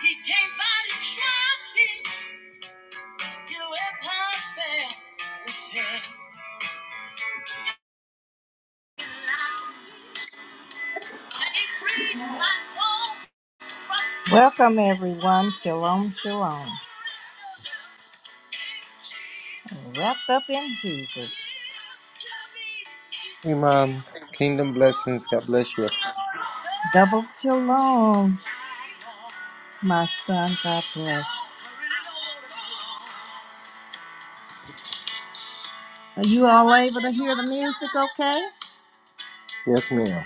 He came by to try me, get away past fail. him. They freed my soul. Welcome, everyone. Shalom, shalom. Wrapped up in Jesus. Hey, Mom. Kingdom blessings. God bless you. Double shalom, my son. God bless. Are you all able to hear the music okay? Yes, ma'am.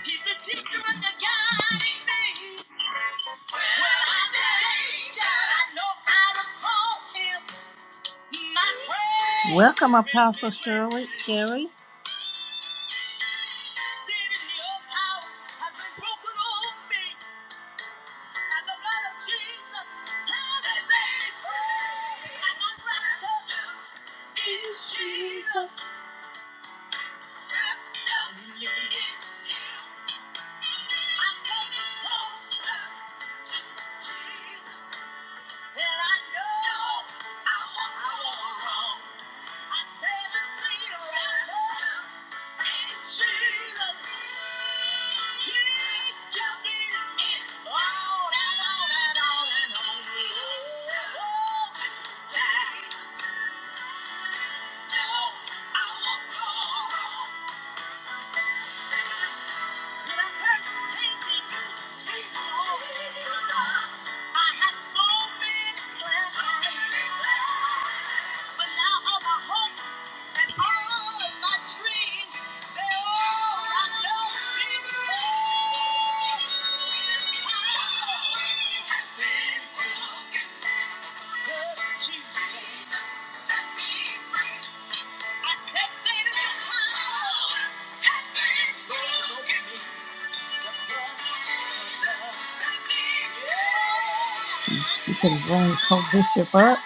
Welcome, Apostle Shirley. Sherry. I say this thing right now. In Jesus' Thank you. Jesus set me free. I said, Satan, your power has been broken. You can bring Co-Bishop up.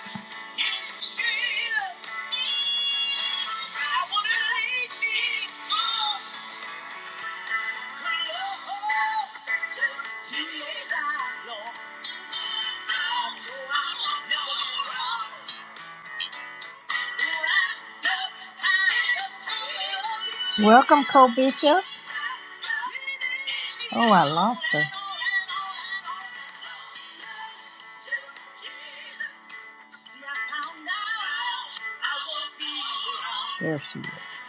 Welcome, Co Bishop. Oh, I lost her. There she is.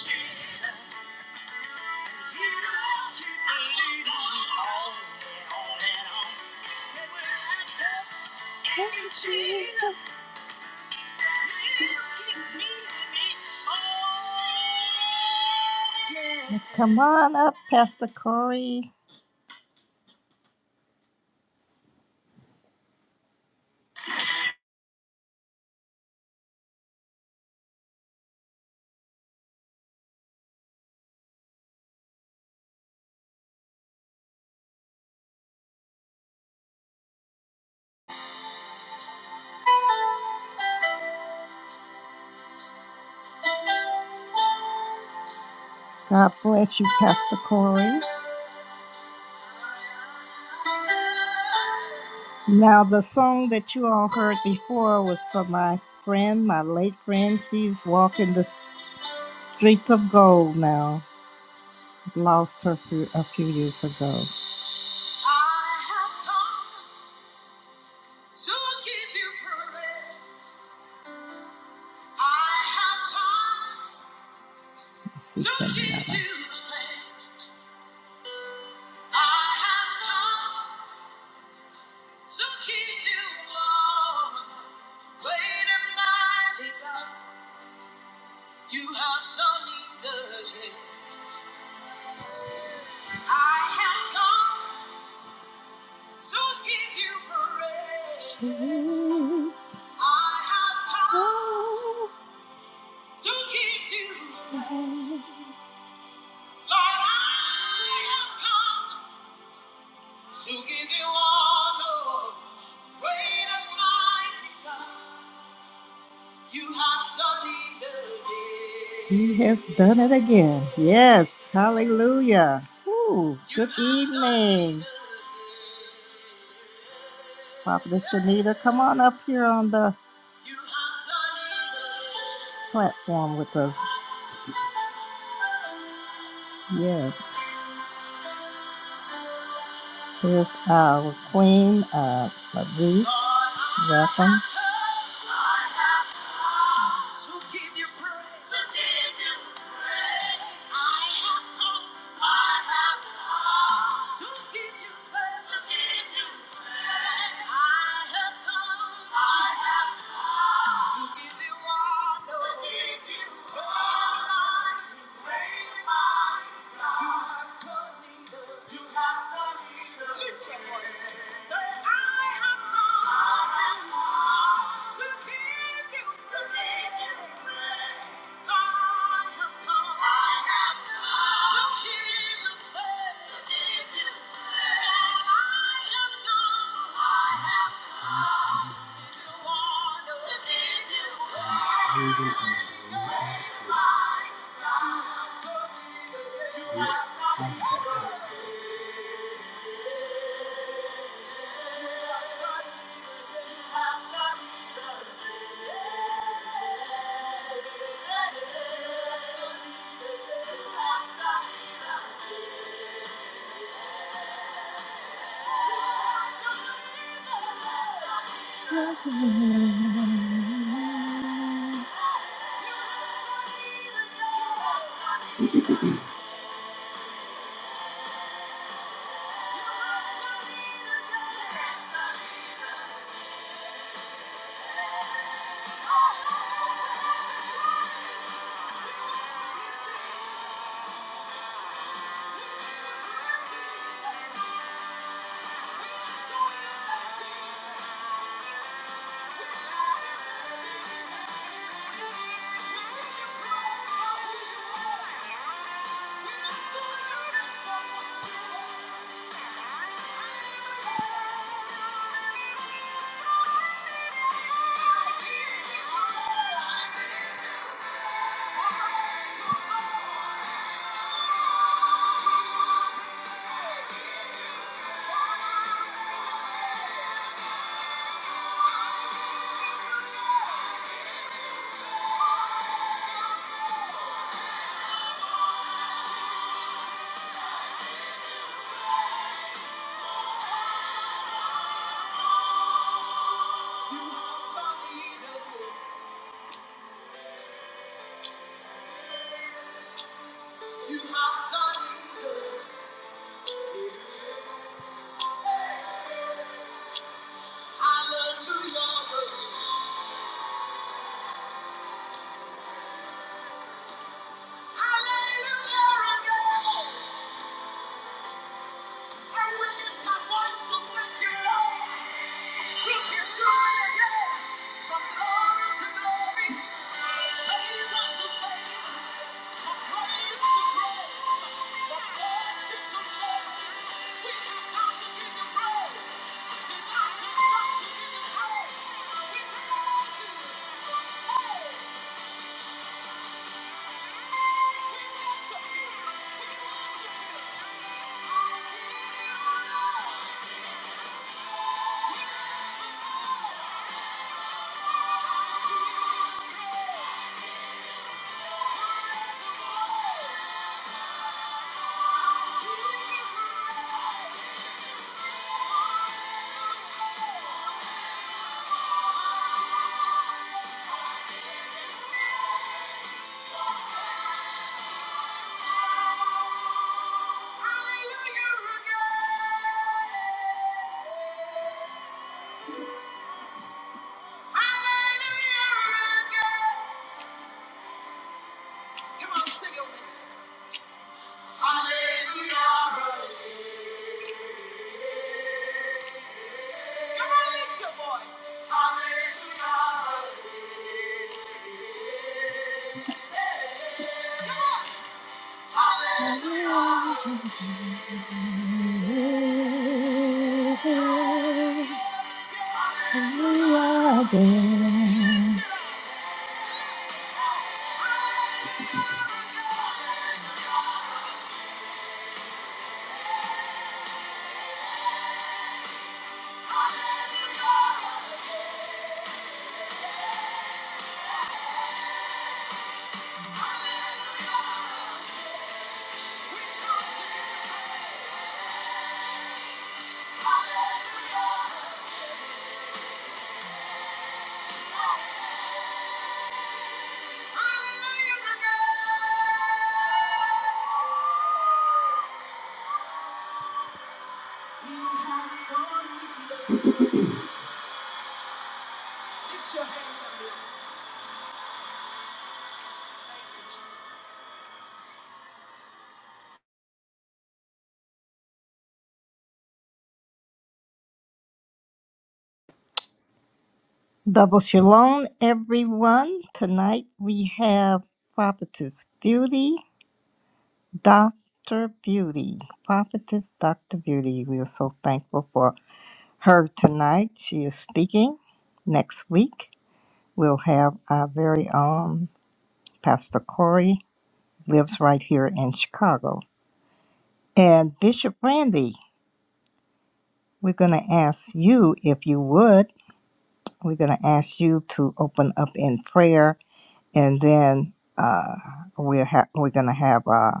Jesus. Jesus. Come on up, Pastor Corey. God bless you, Pastor Corey. Now, the song that you all heard before was for my friend, my late friend. She's walking this. Streets of Gold now. Lost her few, a few years ago. I have come to give you praise. I have come She to sang give that one. you thanks. I have come to give you all. Great and mighty God, you have done it again. I have come to give you praise. I have come to give you thanks. Lord, I have come to give you honor. Great and mighty God. You have done it again. He has done it again. Yes. Hallelujah. Ooh, You good have done it evening. again. Prophetess Shanita, come on up here on the You have done platform with us. Yes. Here's our Queen of Latrice. Welcome. To give you. praise. Thank you. Thank you. So we will see. Thank you. Hallelujah again! And we lift our voice to thank you, Lord. Thank you. Hallelujah. Double shalom, everyone. Tonight we have Prophetess Beauty, Dr. Beauty. Prophetess Dr. Beauty. We are so thankful for her tonight. She is speaking. Next week, we'll have our very own Pastor Corey, lives right here in Chicago. And Bishop Randy, we're going to ask you if you would. We're going to ask you to open up in prayer, and then uh, we'll ha- we're going to have uh,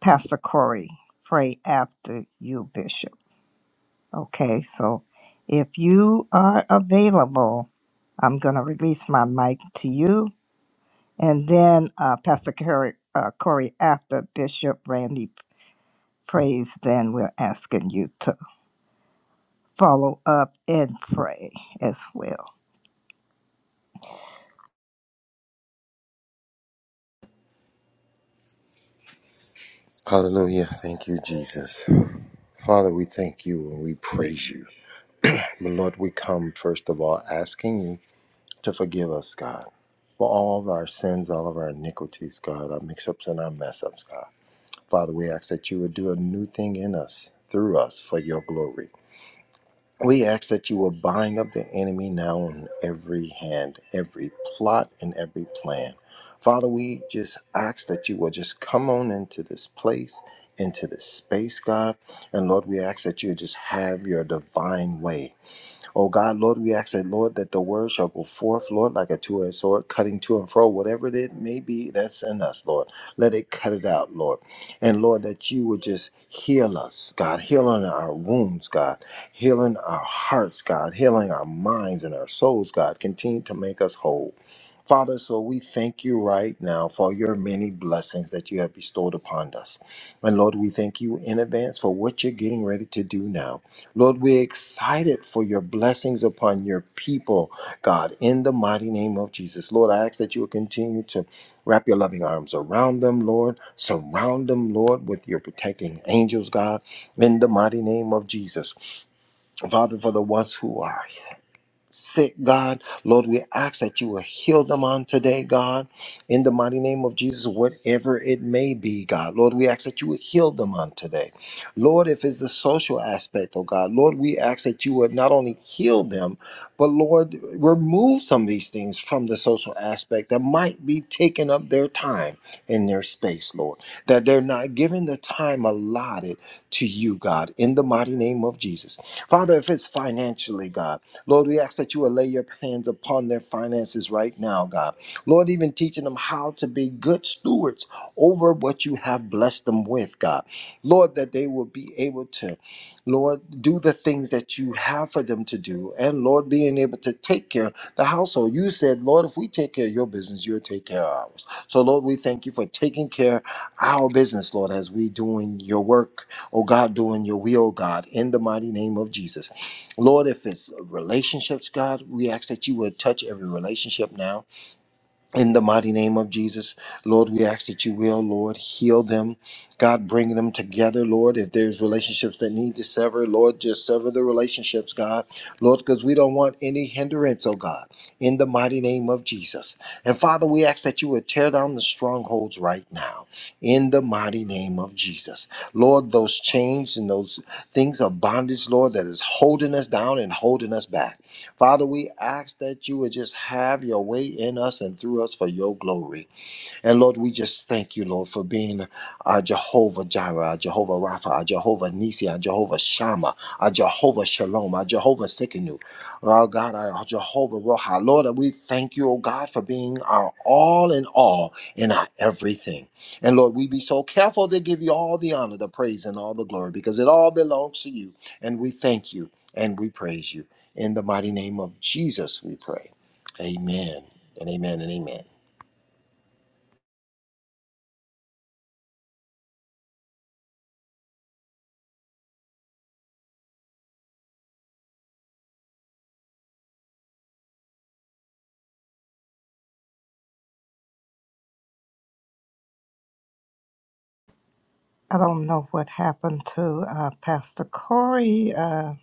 Pastor Corey pray after you, Bishop. Okay, so if you are available, I'm going to release my mic to you And then uh, Pastor Corey, uh, Corey, after Bishop Randy prays, then we're asking you to follow up and pray as well. Hallelujah. Thank you, Jesus. Father, we thank you and we praise you. But Lord, we come first of all asking you to forgive us, God, for all of our sins, all of our iniquities, God, our mix ups and our mess ups, God. Father, we ask that you would do a new thing in us, through us, for your glory. We ask that you will bind up the enemy now on every hand, every plot, and every plan. Father, we just ask that you will just come on into this place, into this space, God. And Lord, we ask that you just have your divine way. Oh God, Lord, we ask that, Lord, that the word shall go forth, Lord, like a two edged sword, cutting to and fro, whatever it may be that's in us, Lord. Let it cut it out, Lord. And Lord, that you would just heal us, God, healing our wounds, God, healing our hearts, God, healing our minds and our souls, God. Continue to make us whole. Father, so we thank you right now for your many blessings that you have bestowed upon us. And Lord, we thank you in advance for what you're getting ready to do now. Lord, we're excited for your blessings upon your people, God, in the mighty name of Jesus. Lord, I ask that you will continue to wrap your loving arms around them, Lord. Surround them, Lord, with your protecting angels, God, in the mighty name of Jesus. Father, for the ones who are sick, God. Lord, we ask that you will heal them on today, God, in the mighty name of Jesus, whatever it may be, God. Lord, we ask that you would heal them on today. Lord, if it's the social aspect, oh God, Lord, we ask that you would not only heal them, but Lord, remove some of these things from the social aspect that might be taking up their time in their space, Lord, that they're not giving the time allotted to you, God, in the mighty name of Jesus. Father, if it's financially, God, Lord, we ask that you will lay your hands upon their finances right now, God. Lord, even teaching them how to be good stewards over what you have blessed them with, God. Lord, that they will be able to, Lord, do the things that you have for them to do. And Lord, being able to take care of the household. You said, Lord, if we take care of your business, you'll take care of ours. So, Lord, we thank you for taking care of our business, Lord, as we doing your work, oh God, doing your will, God, in the mighty name of Jesus. Lord, if it's relationships, God, we ask that you would touch every relationship now in the mighty name of Jesus, Lord, we ask that you will, Lord, heal them. God, bring them together, Lord. If there's relationships that need to sever, Lord, just sever the relationships, God. Lord, because we don't want any hindrance, oh God, in the mighty name of Jesus. And Father, we ask that you would tear down the strongholds right now, in the mighty name of Jesus. Lord, those chains and those things of bondage, Lord, that is holding us down and holding us back. Father, we ask that you would just have your way in us and through us for your glory. And Lord, we just thank you, Lord, for being our Jehovah Jireh, our Jehovah Rapha, our Jehovah Nisi, our Jehovah Shammah, our Jehovah Shalom, our Jehovah Sikkenu, our God, our Jehovah Roha. Lord, we thank you, oh God, for being our all in all and our everything. And Lord, we be so careful to give you all the honor, the praise, and all the glory because it all belongs to you. And we thank you and we praise you. In the mighty name of Jesus, we pray. Amen and amen and amen. I don't know what happened to uh, Pastor Corey. Uh,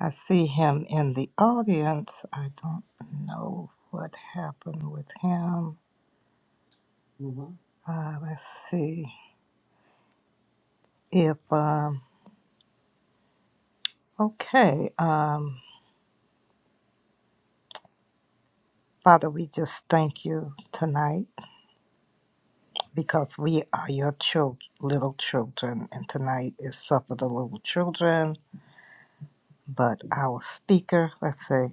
I see him in the audience. I don't know what happened with him. Uh, let's see if, um, okay. Um, Father, we just thank you tonight. because we are your chil- little children, and tonight is Supper of the Little Children. But our speaker, let's see,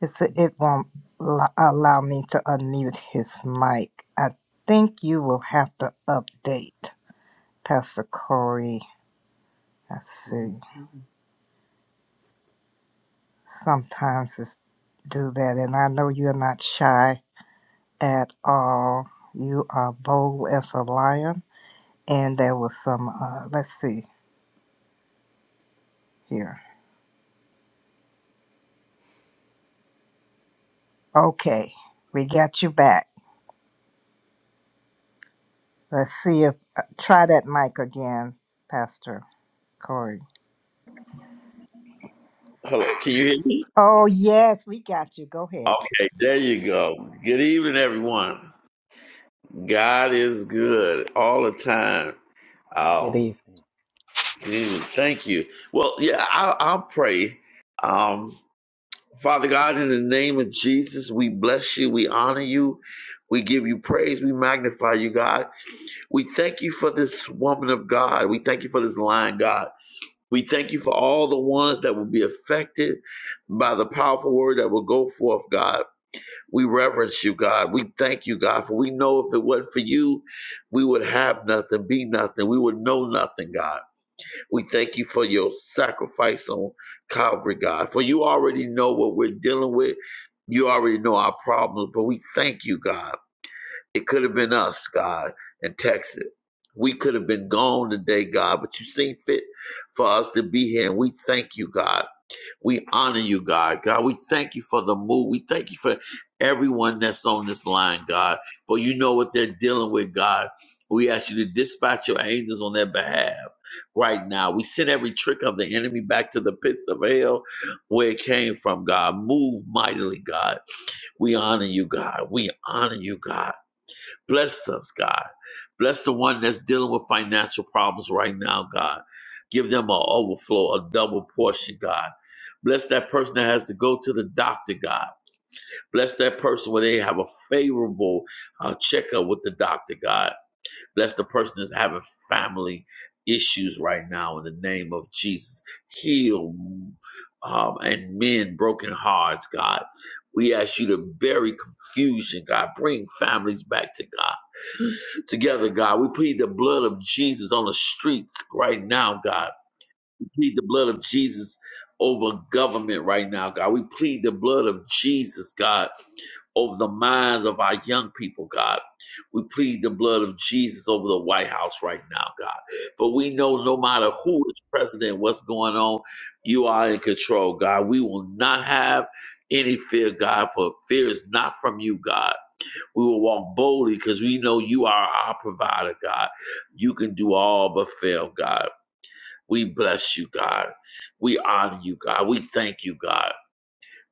it's, it won't lo- allow me to unmute his mic. I think you will have to update Pastor Corey. Let's see, sometimes it's do that, and I know you're not shy at all. You are bold as a lion, and there was some, uh, let's see here. Okay, we got you back. Let's see if uh, try that mic again, Pastor Corey. Hello, can you hear me? Oh yes, we got you. Go ahead. Okay, there you go. Good evening, everyone. God is good all the time. Good Um, evening. mm, thank you. Well, yeah, I'll, I'll pray. Um, Father God, in the name of Jesus, we bless you. We honor you. We give you praise. We magnify you, God. We thank you for this woman of God. We thank you for this line, God. We thank you for all the ones that will be affected by the powerful word that will go forth, God. We reverence you, God. We thank you, God, for we know if it wasn't for you, we would have nothing, be nothing. We would know nothing, God. We thank you for your sacrifice on Calvary, God, for you already know what we're dealing with. You already know our problems, but we thank you, God. It could have been us, God, in Texas. We could have been gone today, God, but you seen fit for us to be here, and we thank you, God. We honor you, God. God, we thank you for the move. We thank you for everyone that's on this line, God, for you know what they're dealing with, God. We ask you to dispatch your angels on their behalf right now. We send every trick of the enemy back to the pits of hell where it came from, God. Move mightily, God. We honor you, God. We honor you, God. Bless us, God. Bless the one that's dealing with financial problems right now, God. Give them an overflow, a double portion, God. Bless that person that has to go to the doctor, God. Bless that person where they have a favorable uh, checkup with the doctor, God. Bless the person that's having family issues right now in the name of Jesus. Heal um, and mend broken hearts, God. We ask you to bury confusion, God. Bring families back to God together, God. We plead the blood of Jesus on the streets right now, God. We plead the blood of Jesus over government right now, God. We plead the blood of Jesus, God, over the minds of our young people, God. We plead the blood of Jesus over the White House right now, God. For we know no matter who is president, what's going on, you are in control, God. We will not have any fear, God, for fear is not from you, God. We will walk boldly because we know you are our provider, God. You can do all but fail, God. We bless you, God. We honor you, God. We thank you, God.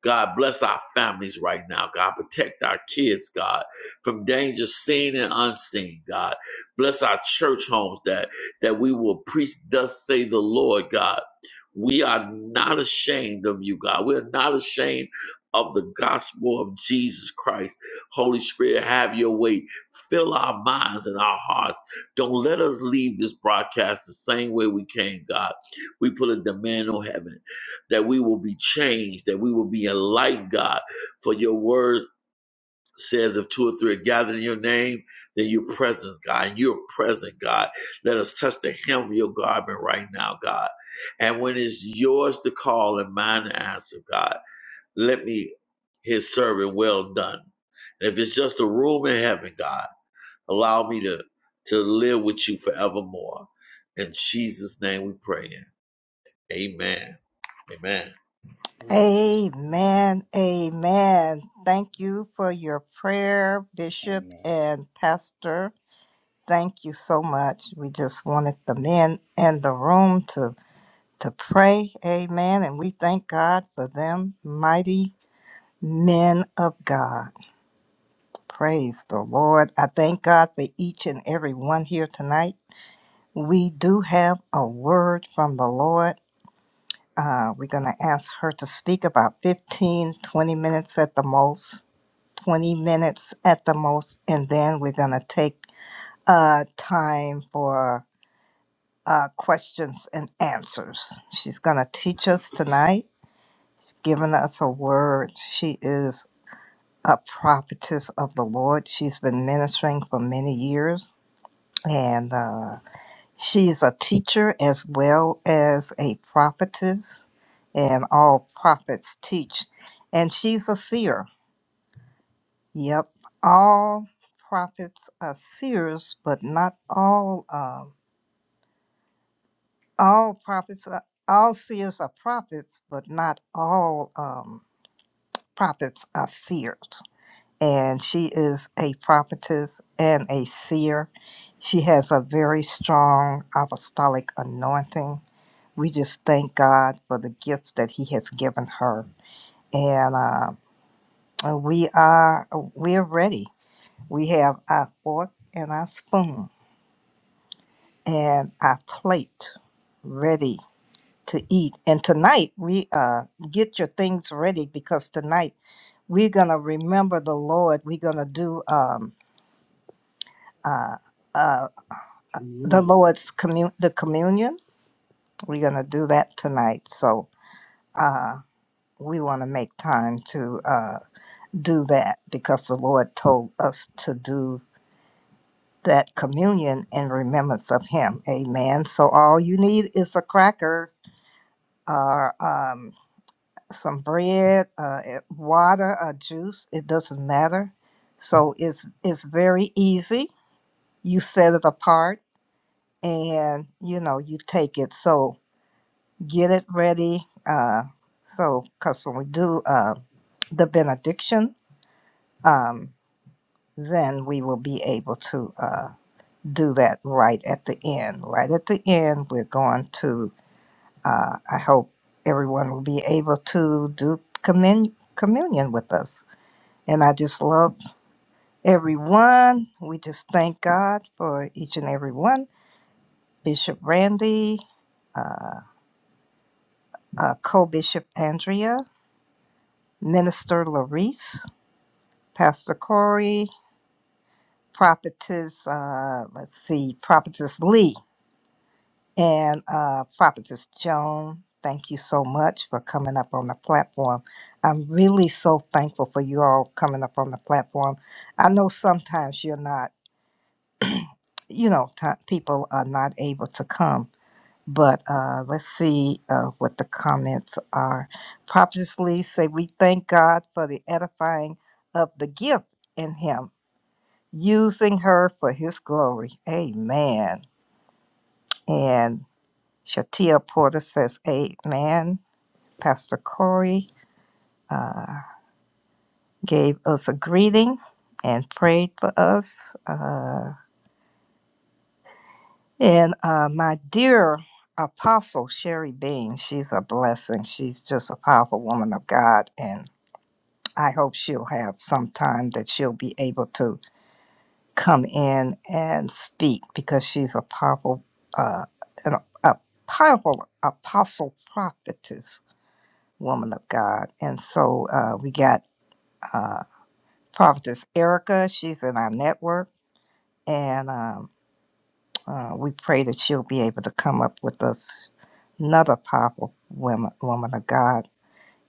God bless our families right now. God protect our kids, God, from danger seen and unseen, God. Bless our church homes that that we will preach thus say the Lord, God. We are not ashamed of you, God. We're not ashamed of the gospel of Jesus Christ. Holy Spirit, have your way. Fill our minds and our hearts. Don't let us leave this broadcast the same way we came, God. We put a demand on heaven that we will be changed, that we will be enlightened, God. For your word says, if two or three are gathered in your name, then your presence, God, and you're present, God. Let us touch the hem of your garment right now, God. And when it's yours to call and mine to answer, God, let me his servant well done. And if it's just a room in heaven, God, allow me to, to live with you forevermore. In Jesus' name we pray. Amen. Amen. Amen. Amen. Thank you for your prayer, Bishop Amen. and Pastor. Thank you so much. We just wanted the men in the room to to pray. Amen. And we thank God for them mighty men of God. Praise the Lord. I thank God for each and every one here tonight. We do have a word from the Lord. Uh, we're going to ask her to speak about 15, 20 minutes at the most, 20 minutes at the most, and then we're going to take uh, time for uh, questions and answers. She's going to teach us tonight, giving us a word. She is a prophetess of the Lord. She's been ministering for many years and uh, she's a teacher as well as a prophetess, and all prophets teach. And she's a seer. Yep, all prophets are seers, but not all. Um, all prophets, are, all seers are prophets, but not all um, prophets are seers. And she is a prophetess and a seer. She has a very strong apostolic anointing we just thank God for the gifts that He has given her. And uh, we are we are ready. We have our fork and our spoon and our plate ready to eat. And tonight we uh, get your things ready because tonight we're gonna remember the Lord. We're gonna do um, uh, uh, the Lord's commun the communion. We're gonna do that tonight. So uh, we want to make time to. uh, do that because the Lord told us to do that communion in remembrance of Him. Amen. So all you need is a cracker or um, some bread, uh, eh, water, or juice. It doesn't matter. So it's it's very easy. You set it apart, and you know you take it. So get it ready. Uh, so because when we do uh, the benediction, um, then we will be able to. Uh, do that right at the end. Right at the end, we're going to, uh, I hope everyone will be able to do commun- communion with us. And I just love everyone. We just thank God for each and every one. Bishop Randy, uh, uh, Co Bishop Andrea, Minister Larice, Pastor Corey, Prophetess, uh, let's see, Prophetess Lee. And uh, Prophetess Joan, thank you so much for coming up on the platform. I'm really so thankful for you all coming up on the platform. I know sometimes you're not, you know, t- people are not able to come, but uh, let's see uh, what the comments are. Prophetess Lee say, we thank God for the edifying of the gift in him, using her for his glory. Amen. And Shatia Porter says, Amen. Pastor Corey uh, gave us a greeting and prayed for us. Uh, and uh, my dear Apostle Sherry Bean, she's a blessing. She's just a powerful woman of God. And I hope she'll have some time that she'll be able to come in and speak because she's a powerful, uh, an, a powerful apostle prophetess woman of God. And so uh, we got. uh, Prophetess Erica. She's in our network, and um, uh, we pray that she'll be able to come up with us another powerful woman, woman of God.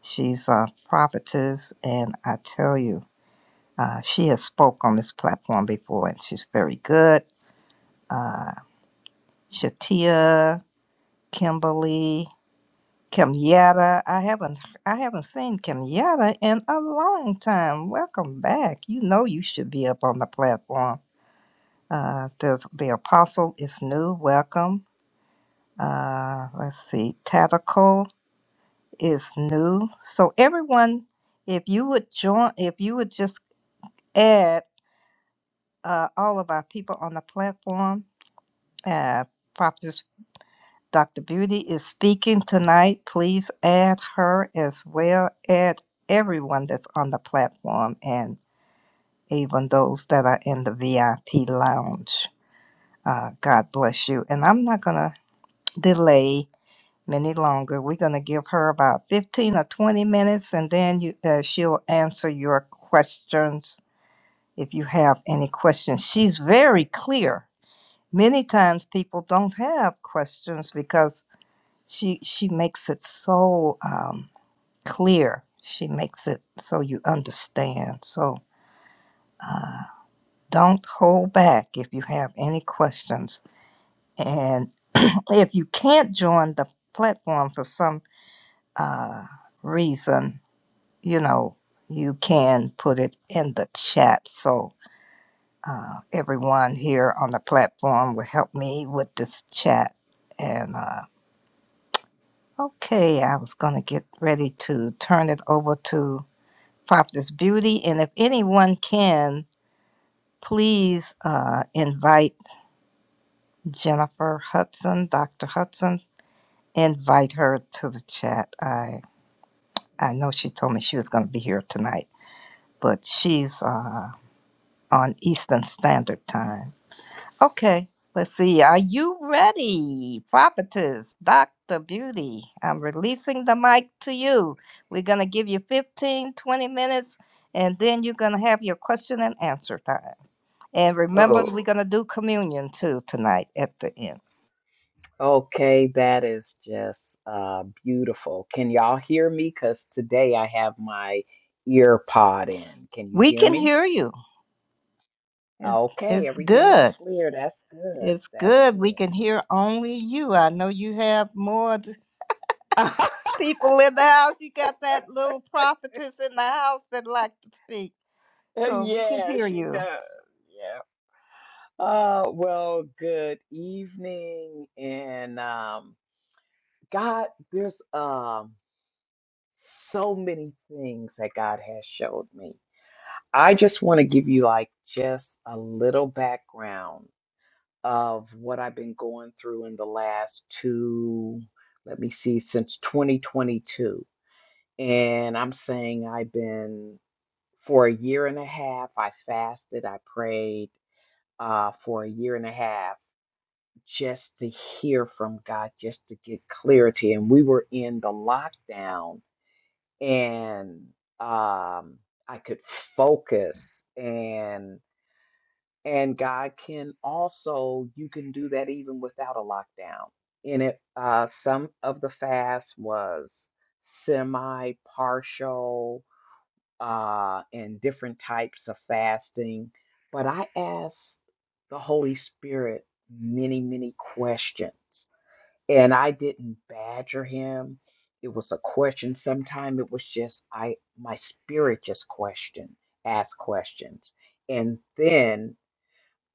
She's a prophetess, and I tell you, uh, she has spoke on this platform before, and she's very good. Uh, Shatia, Kimberly, Kimyetta. I haven't I haven't seen Kimyetta in a long time. Welcome back. You know you should be up on the platform Uh, there's the apostle is new. Welcome. Uh, let's see. Tactical is new. So everyone, if you would join, if you would just add uh, all of our people on the platform, uh, Prophet Dr. Beauty is speaking tonight. Please add her as well. Add everyone that's on the platform and even those that are in the VIP lounge. Uh, God bless you. And I'm not gonna delay. any longer. We're going to give her about 15 or 20 minutes and then you, uh, she'll answer your questions if you have any questions. She's very clear. Many times people don't have questions because she she makes it so um, clear. She makes it so you understand. So uh, don't hold back if you have any questions. And if you can't join the platform for some uh, reason, you know, you can put it in the chat. So uh, everyone here on the platform will help me with this chat. And uh, okay, I was going to get ready to turn it over to Prophetess Beauty. And if anyone can, please uh, invite Jennifer Hudson, Dr. Hudson, invite her to the chat. I, I know she told me she was going to be here tonight, but she's uh, on Eastern Standard Time. Okay, let's see. Are you ready, prophetess, Dr. Beauty? I'm releasing the mic to you. We're going to give you 15, 20 minutes, and then you're going to have your question and answer time. And remember, Oh, we're going to do communion too tonight at the end. okay. That is just uh, beautiful. Can y'all hear me? Because today I have my ear pod in. Can you We hear can me? hear you. It's, Okay. it's Everything is good. clear. That's It's good. good. We can hear only you. I know you have more th- That's good. people in the house. You got that little prophetess in the house that like to speak. So we can yeah, hear she you. does. Yeah. Uh, well, good evening. And um, God, there's um, so many things that God has showed me I just want to give you like just a little background of what I've been going through in the last two, let me see, since 2022. And I'm saying I've been for a year and a half, I fasted, I prayed uh, for a year and a half just to hear from God, just to get clarity. And we were in the lockdown and um, I could focus and. And God can also, you can do that even without a lockdown. And it, uh, some of the fast was semi partial uh, and different types of fasting. But I asked the Holy Spirit many, many questions. And I didn't badger him. It was a question. Sometimes it was just I my spirit just questioned, asked questions. And then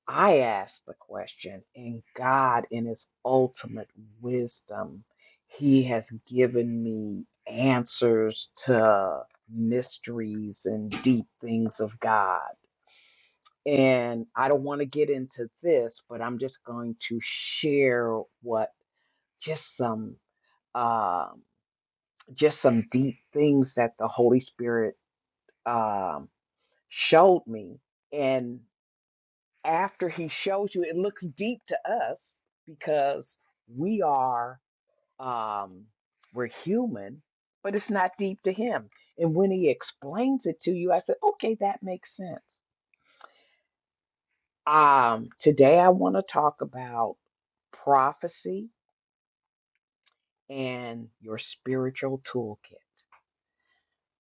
I asked the question, and God, in His ultimate wisdom, He has given me answers to mysteries and deep things of God. And I don't want to get into this, but I'm just going to share what just some um, just some deep things that the Holy Spirit um, showed me. and. after he shows you, it looks deep to us because we are um we're human, but it's not deep to him. And when he explains it to you, I said, okay, that makes sense. Um, today I want to talk about prophecy and your spiritual toolkit.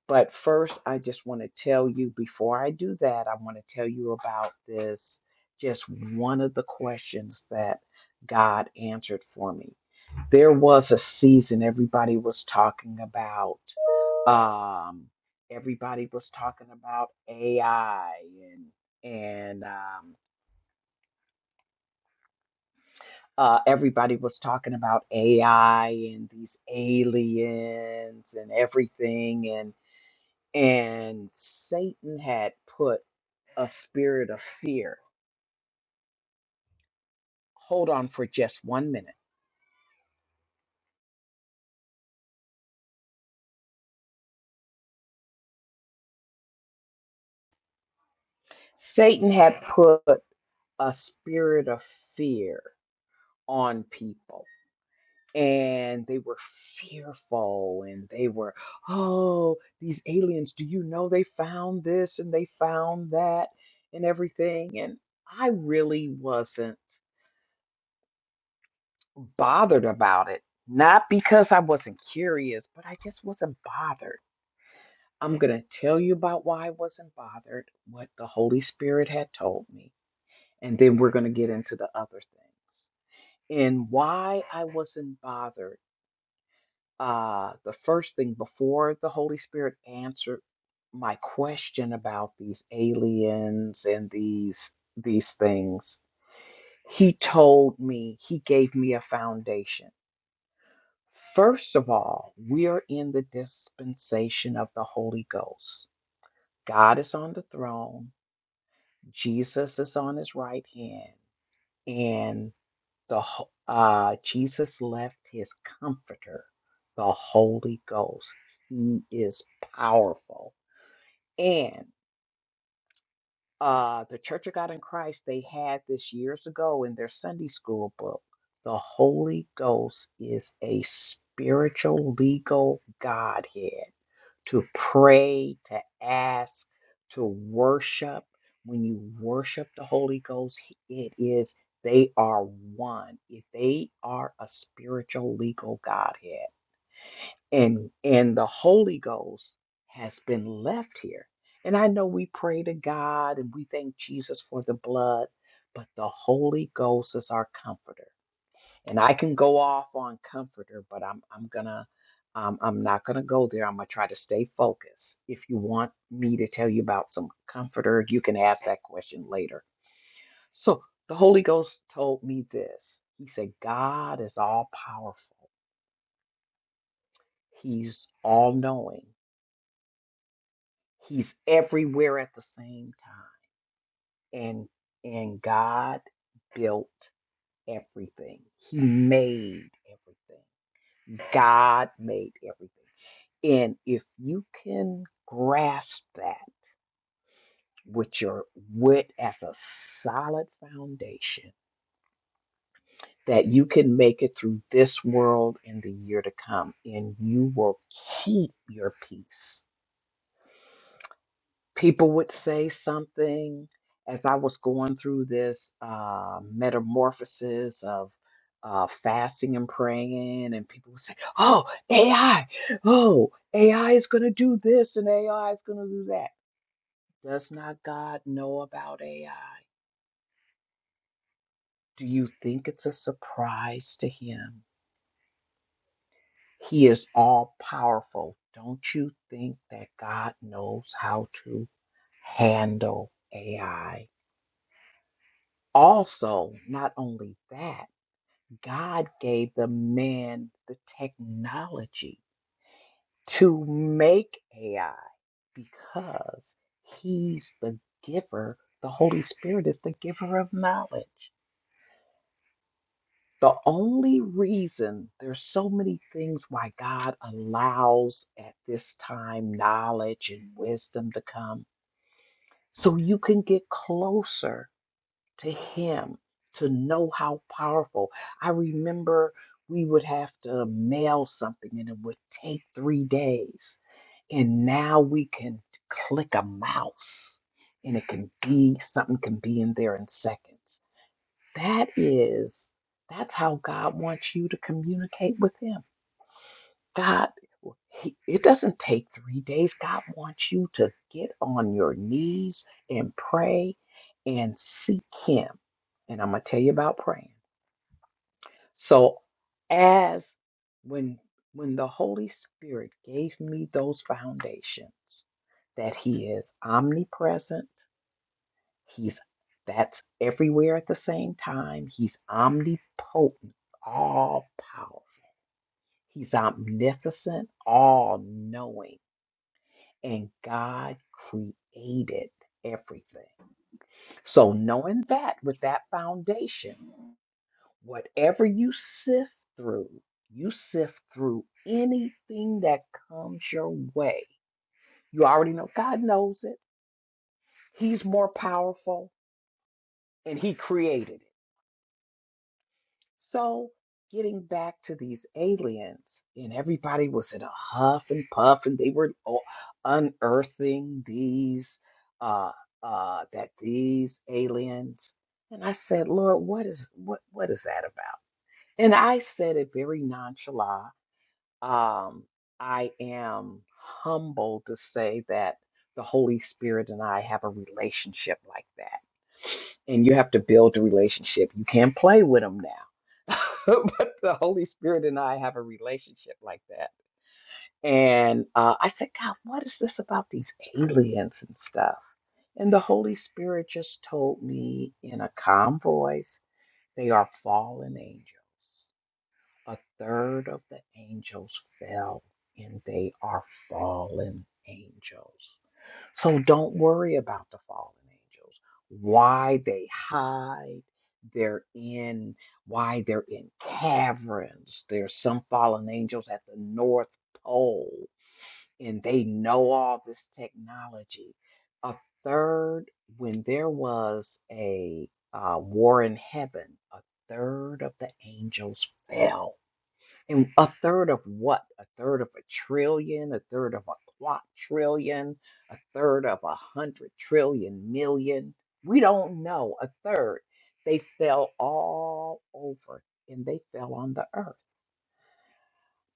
But first, I just want to tell you before I do that, I want to tell you about this just one of the questions that God answered for me. There was a season everybody was talking about, um, everybody was talking about AI and and um, uh, everybody was talking about AI and these aliens and everything and. and Satan had put a spirit of fear. Hold on for just one minute. Satan had put a spirit of fear on people. and they were fearful and they were oh these aliens do you know they found this and they found that and everything and i really wasn't bothered about it not because i wasn't curious but i just wasn't bothered i'm going to tell you about why i wasn't bothered what the holy spirit had told me and then we're going to get into the other things and why i wasn't bothered uh, the first thing before the Holy Spirit answered my question about these aliens and these these things, he told me he gave me a foundation. First of all, we are in the dispensation of the Holy Ghost. God is on the throne. Jesus is on his right hand, and. The ho- uh, Jesus left his comforter, the Holy Ghost. He is powerful. And uh, the Church of God in Christ, they had this years ago in their Sunday school book. The Holy Ghost is a spiritual legal Godhead to pray, to ask, to worship. When you worship the Holy Ghost, it is they are one. If they are a spiritual legal Godhead, and and the Holy Ghost has been left here. And I know we pray to God and we thank Jesus for the blood, but the Holy Ghost is our comforter and I can go off on comforter, but I'm I'm gonna um, I'm not gonna go there. I'm gonna try to stay focused. If you want me to tell you about some comforter, you can ask that question later. So the Holy Ghost told me this. He said, God is all powerful. He's all knowing. He's everywhere at the same time. And and God built everything. He made everything. God made everything. And if you can grasp that with your wit as a solid foundation, that you can make it through this world and the year to come, and you will keep your peace. People would say something as I was going through this uh, metamorphosis of uh, fasting and praying, and people would say, Oh, AI, oh, AI is going to do this and AI is going to do that Does not God know about AI? Do you think it's a surprise to him? He is all powerful. Don't you think that God knows how to handle AI? Also, not only that, God gave the man the technology to make AI because he's the giver. The Holy Spirit is the giver of knowledge. The only reason there's so many things why God allows at this time knowledge and wisdom to come, so you can get closer to Him to know how powerful. I remember we would have to mail something and it would take three days. And now we can click a mouse and it can be something can be in there in seconds. That is, that's how God wants you to communicate with Him. God, well, he, it doesn't take three days. God wants you to get on your knees and pray and seek Him. And I'm gonna tell you about praying. So, as when when the Holy Spirit gave me those foundations, that He is omnipresent, He's that's everywhere at the same time. He's omnipotent, all powerful. He's omnificent, all knowing. And God created everything. So, knowing that with that foundation, whatever you sift through, you sift through anything that comes your way. You already know God knows it. He's more powerful and He created it. So, getting back to these aliens, and everybody was in a huff and puff, and they were o- unearthing these, uh, uh, that these aliens. And I said, Lord, what is what what is that about? And I said it very nonchalant. Um, I am humbled to say that the Holy Spirit and I have a relationship like that. And you have to build a relationship. You can't play with them now but the Holy Spirit and I have a relationship like that. And uh, I said, God, what is this about these aliens and stuff? And the Holy Spirit just told me in a calm voice, they are fallen angels. A third of the angels fell, and they are fallen angels. So don't worry about the fallen angels, why they hide. They're in why they're in caverns. There's some fallen angels at the North Pole, and they know all this technology. A third, when there was a uh, war in heaven, a third of the angels fell and a third of what? A third of a trillion, a third of a quadrillion, a third of a hundred trillion million. We don't know. A third. They fell all over and they fell on the earth.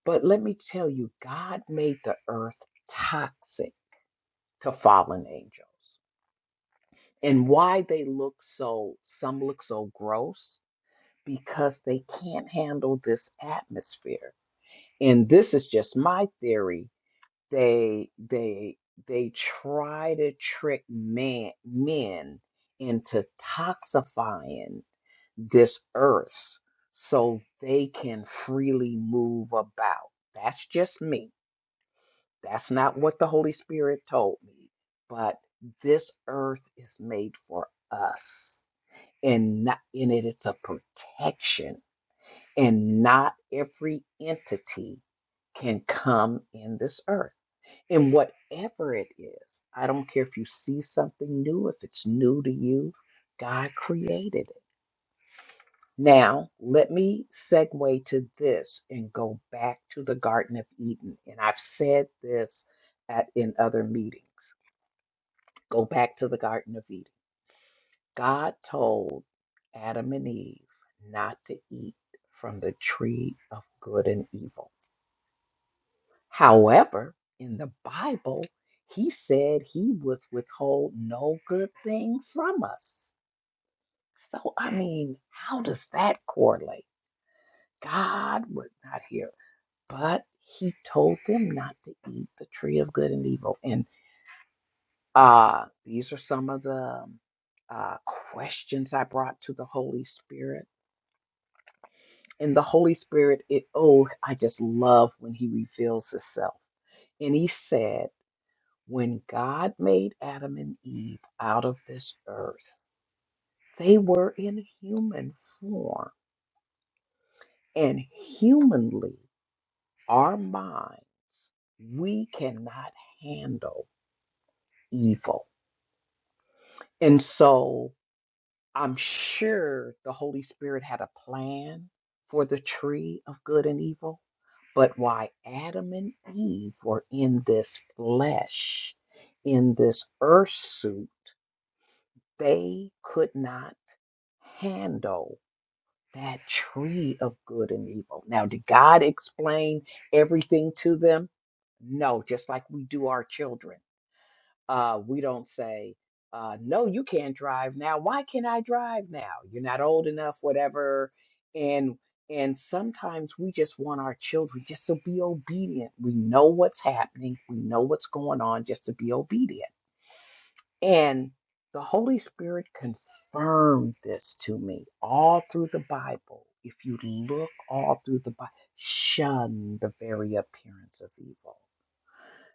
But let me tell you, God made the earth toxic to fallen angels. And why they look so, some look so gross, because they can't handle this atmosphere. And this is just my theory they they they try to trick man men into toxifying this earth so they can freely move about that's just me that's not what the holy spirit told me but this earth is made for us and not in it it's a protection and not every entity can come in this earth. And whatever it is, I don't care if you see something new, if it's new to you, God created it. Now, let me segue to this and go back to the Garden of Eden. And I've said this at, in other meetings. Go back to the Garden of Eden. God told Adam and Eve not to eat from the tree of good and evil However, in the Bible, he said he would withhold no good thing from us. So, I mean, how does that correlate? God would not hear, but he told them not to eat the tree of good and evil. And uh, these are some of the um, uh, questions I brought to the Holy Spirit. And the Holy Spirit, it oh, I just love when he reveals himself. And he said, When God made Adam and Eve out of this earth, they were in human form. And humanly, our mind, we cannot handle evil. And so I'm sure the Holy Spirit had a plan for the tree of good and evil. But why Adam and Eve were in this flesh, in this earth suit, they could not handle that tree of good and evil. Now, did God explain everything to them? No, just like we do our children. Uh, we don't say, uh, no, you can't drive now. Why can't I drive now? You're not old enough, whatever. And and sometimes we just want our children just to be obedient. We know what's happening. We know what's going on, just to be obedient. And the Holy Spirit confirmed this to me all through the Bible. If you look all through the Bible, shun the very appearance of evil.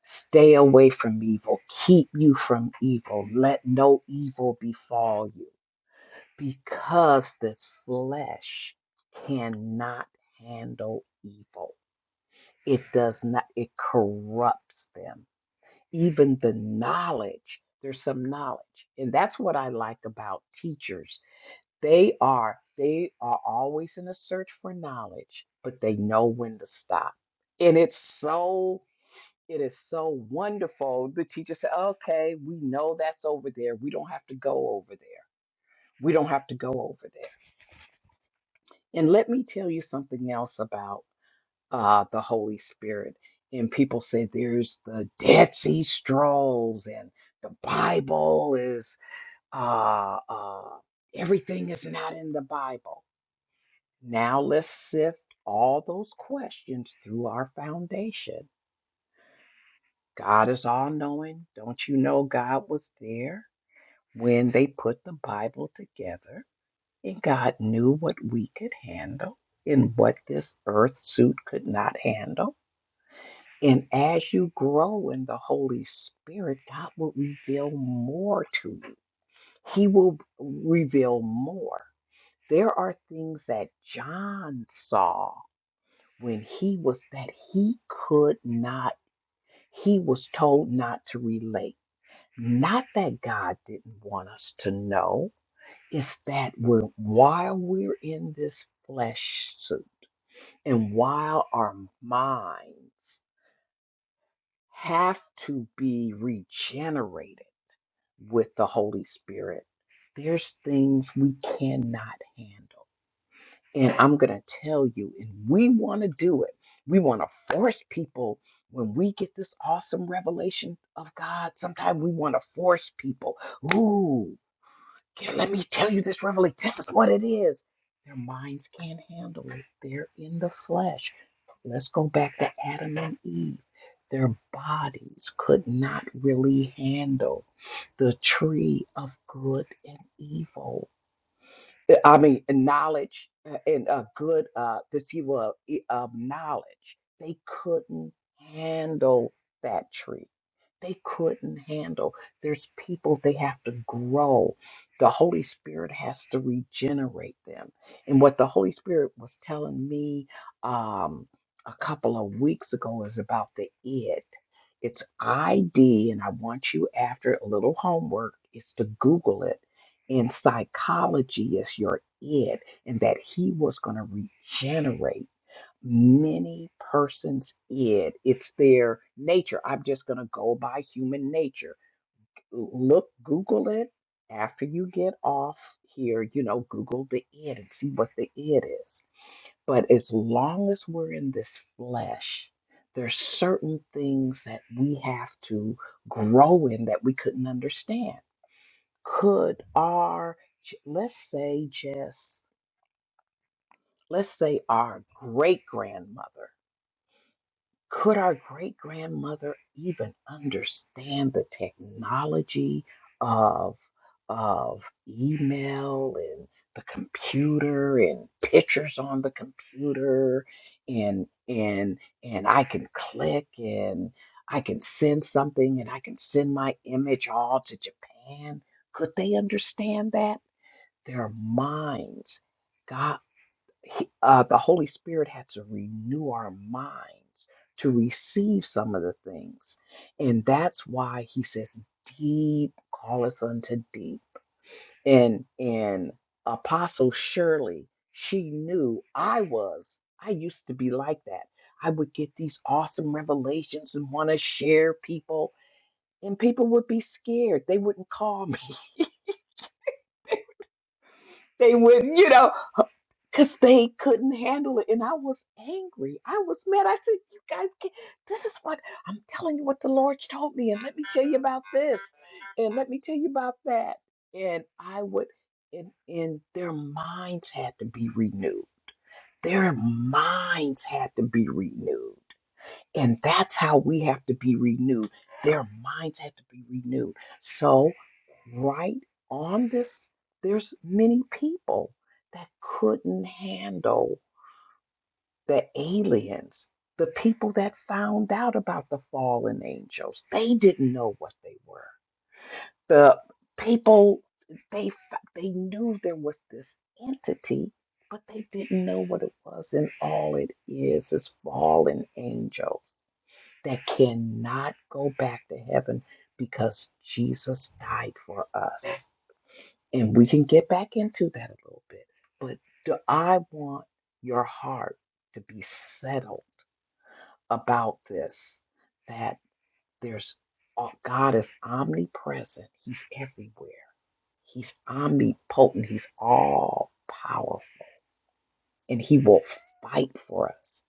Stay away from evil. Keep you from evil. Let no evil befall you because this flesh cannot handle evil. It does not, it corrupts them even the knowledge. There's some knowledge. And that's what I like about teachers. They are they are always in a search for knowledge, but they know when to stop. And it's so it is so wonderful. The teacher said, okay, we know that's over there. We don't have to go over there. We don't have to go over there. And let me tell you something else about uh, the Holy Spirit. And people say there's the Dead Sea Scrolls, and the Bible is uh, uh, everything is not in the Bible. Now let's sift all those questions through our foundation. God is all knowing. Don't you know God was there when they put the Bible together? And God knew what we could handle and what this earth suit could not handle And as you grow in the Holy Spirit, God will reveal more to you. He will reveal more. There are things that John saw when he was that he could not, he was told not to relate. Not that God didn't want us to know, it's that we're, while we're in this flesh suit and while our minds have to be regenerated with the Holy Spirit. There's things we cannot handle. And I'm going to tell you, and we want to do it. We want to force people when we get this awesome revelation of God. Sometimes we want to force people. Ooh, yeah, let me tell you this revelation. This is what it is. Their minds can't handle it, they're in the flesh. Let's go back to Adam and Eve. Their bodies could not really handle the tree of good and evil uh, I mean, knowledge uh, and a good uh, this evil of e- of knowledge. They couldn't handle that tree. They couldn't handle. There's people they have to grow. The Holy Spirit has to regenerate them. And what the Holy Spirit was telling me um, a couple of weeks ago is about the id. It's ID, and I want you after a little homework is to Google it and psychology is your id, and that he was going to regenerate many persons' id. It's their nature. I'm just going to go by human nature. Look, Google it after you get off here. You know, Google the id and see what the id is. But as long as we're in this flesh, there's certain things that we have to grow in that we couldn't understand could our j- let's say just let's say our great grandmother could our great grandmother even understand the technology of of email and the computer and pictures on the computer and and and I can click and I can send something and I can send my image all to Japan could they understand that their minds. God, he, uh, the Holy Spirit had to renew our minds to receive some of the things. And that's why he says, deep, call us unto deep. And, and Apostle Shirley, she knew I was. I used to be like that. I would get these awesome revelations and want to share people, and people would be scared. They wouldn't call me. They would, not you know, because they couldn't handle it. And I was angry. I was mad. I said, You guys, can't, this is what I'm telling you what the Lord told me. And let me tell you about this. And let me tell you about that. And I would, and, and their minds had to be renewed. Their minds had to be renewed. And that's how we have to be renewed. Their minds have to be renewed. So, right on this, there's many people that couldn't handle the aliens, the people that found out about the fallen angels. They didn't know what they were. The people they f- they knew there was this entity, but they didn't know what it was, and all it is is fallen angels that cannot go back to heaven because Jesus died for us. And we can get back into that a little bit. But do I want your heart to be settled about this that there's oh, God is omnipresent. He's everywhere. He's omnipotent. He's all powerful and he will fight for us.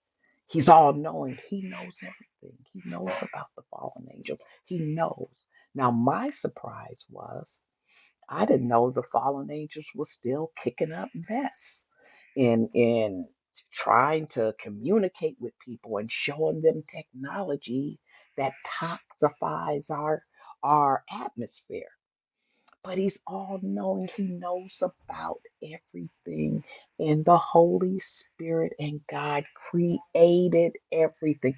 He's all knowing. He knows everything. He knows about the fallen angels. He knows. Now, my surprise was I didn't know the fallen angels were still kicking up mess in in trying to communicate with people and showing them technology that toxifies our our atmosphere but he's all knowing. He knows about everything. And the Holy Spirit and God created everything.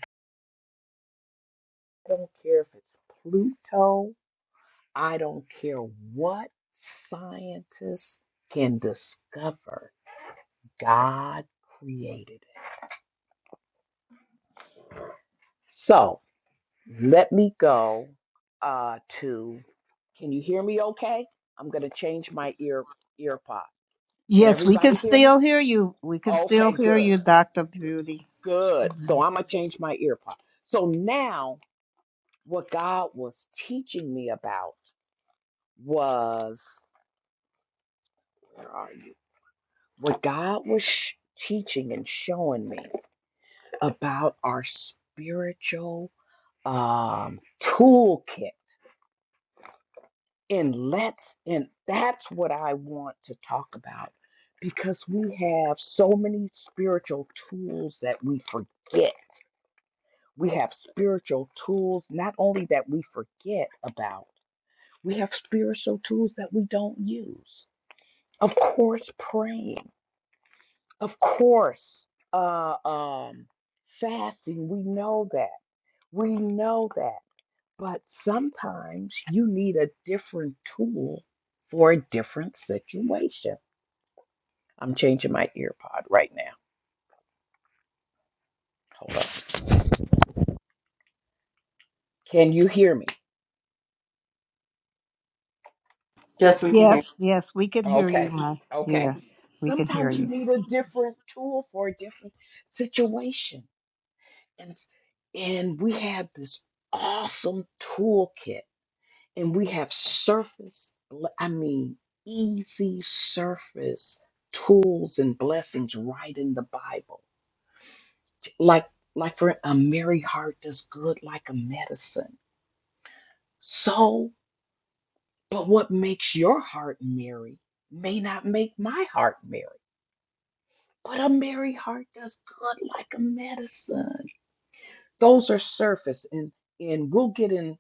I don't care if it's Pluto, I don't care what scientists can discover. God created it. So let me go uh, to. Can you hear me okay? I'm going to change my ear ear pod. Can Yes, we everybody can hear me? still hear you. We can still Okay, hear good. you, Dr. Beauty. Good. So I'm going to change my ear pod. So now, what God was teaching me about was where are you? What God was sh- teaching and showing me about our spiritual um, toolkit. And let's, and that's what I want to talk about because we have so many spiritual tools that we forget. We have spiritual tools not only that we forget about We have spiritual tools that we don't use. Of course, praying. Of course, uh, um, fasting. We know that. We know that. But sometimes you need a different tool for a different situation. I'm changing my ear pod right now. Hold on. Can you hear me? Yes, we can hear you. Yes, yes, we can hear you, Okay. my. Okay. Yeah, we can hear Sometimes you you. need a different tool for a different situation And and we have this awesome toolkit, and we have surface, I mean, easy surface tools and blessings right in the Bible. Like, like for a merry heart is good like a medicine. So, but what makes your heart merry may not make my heart merry. But a merry heart does good like a medicine. those are surface and and we'll get in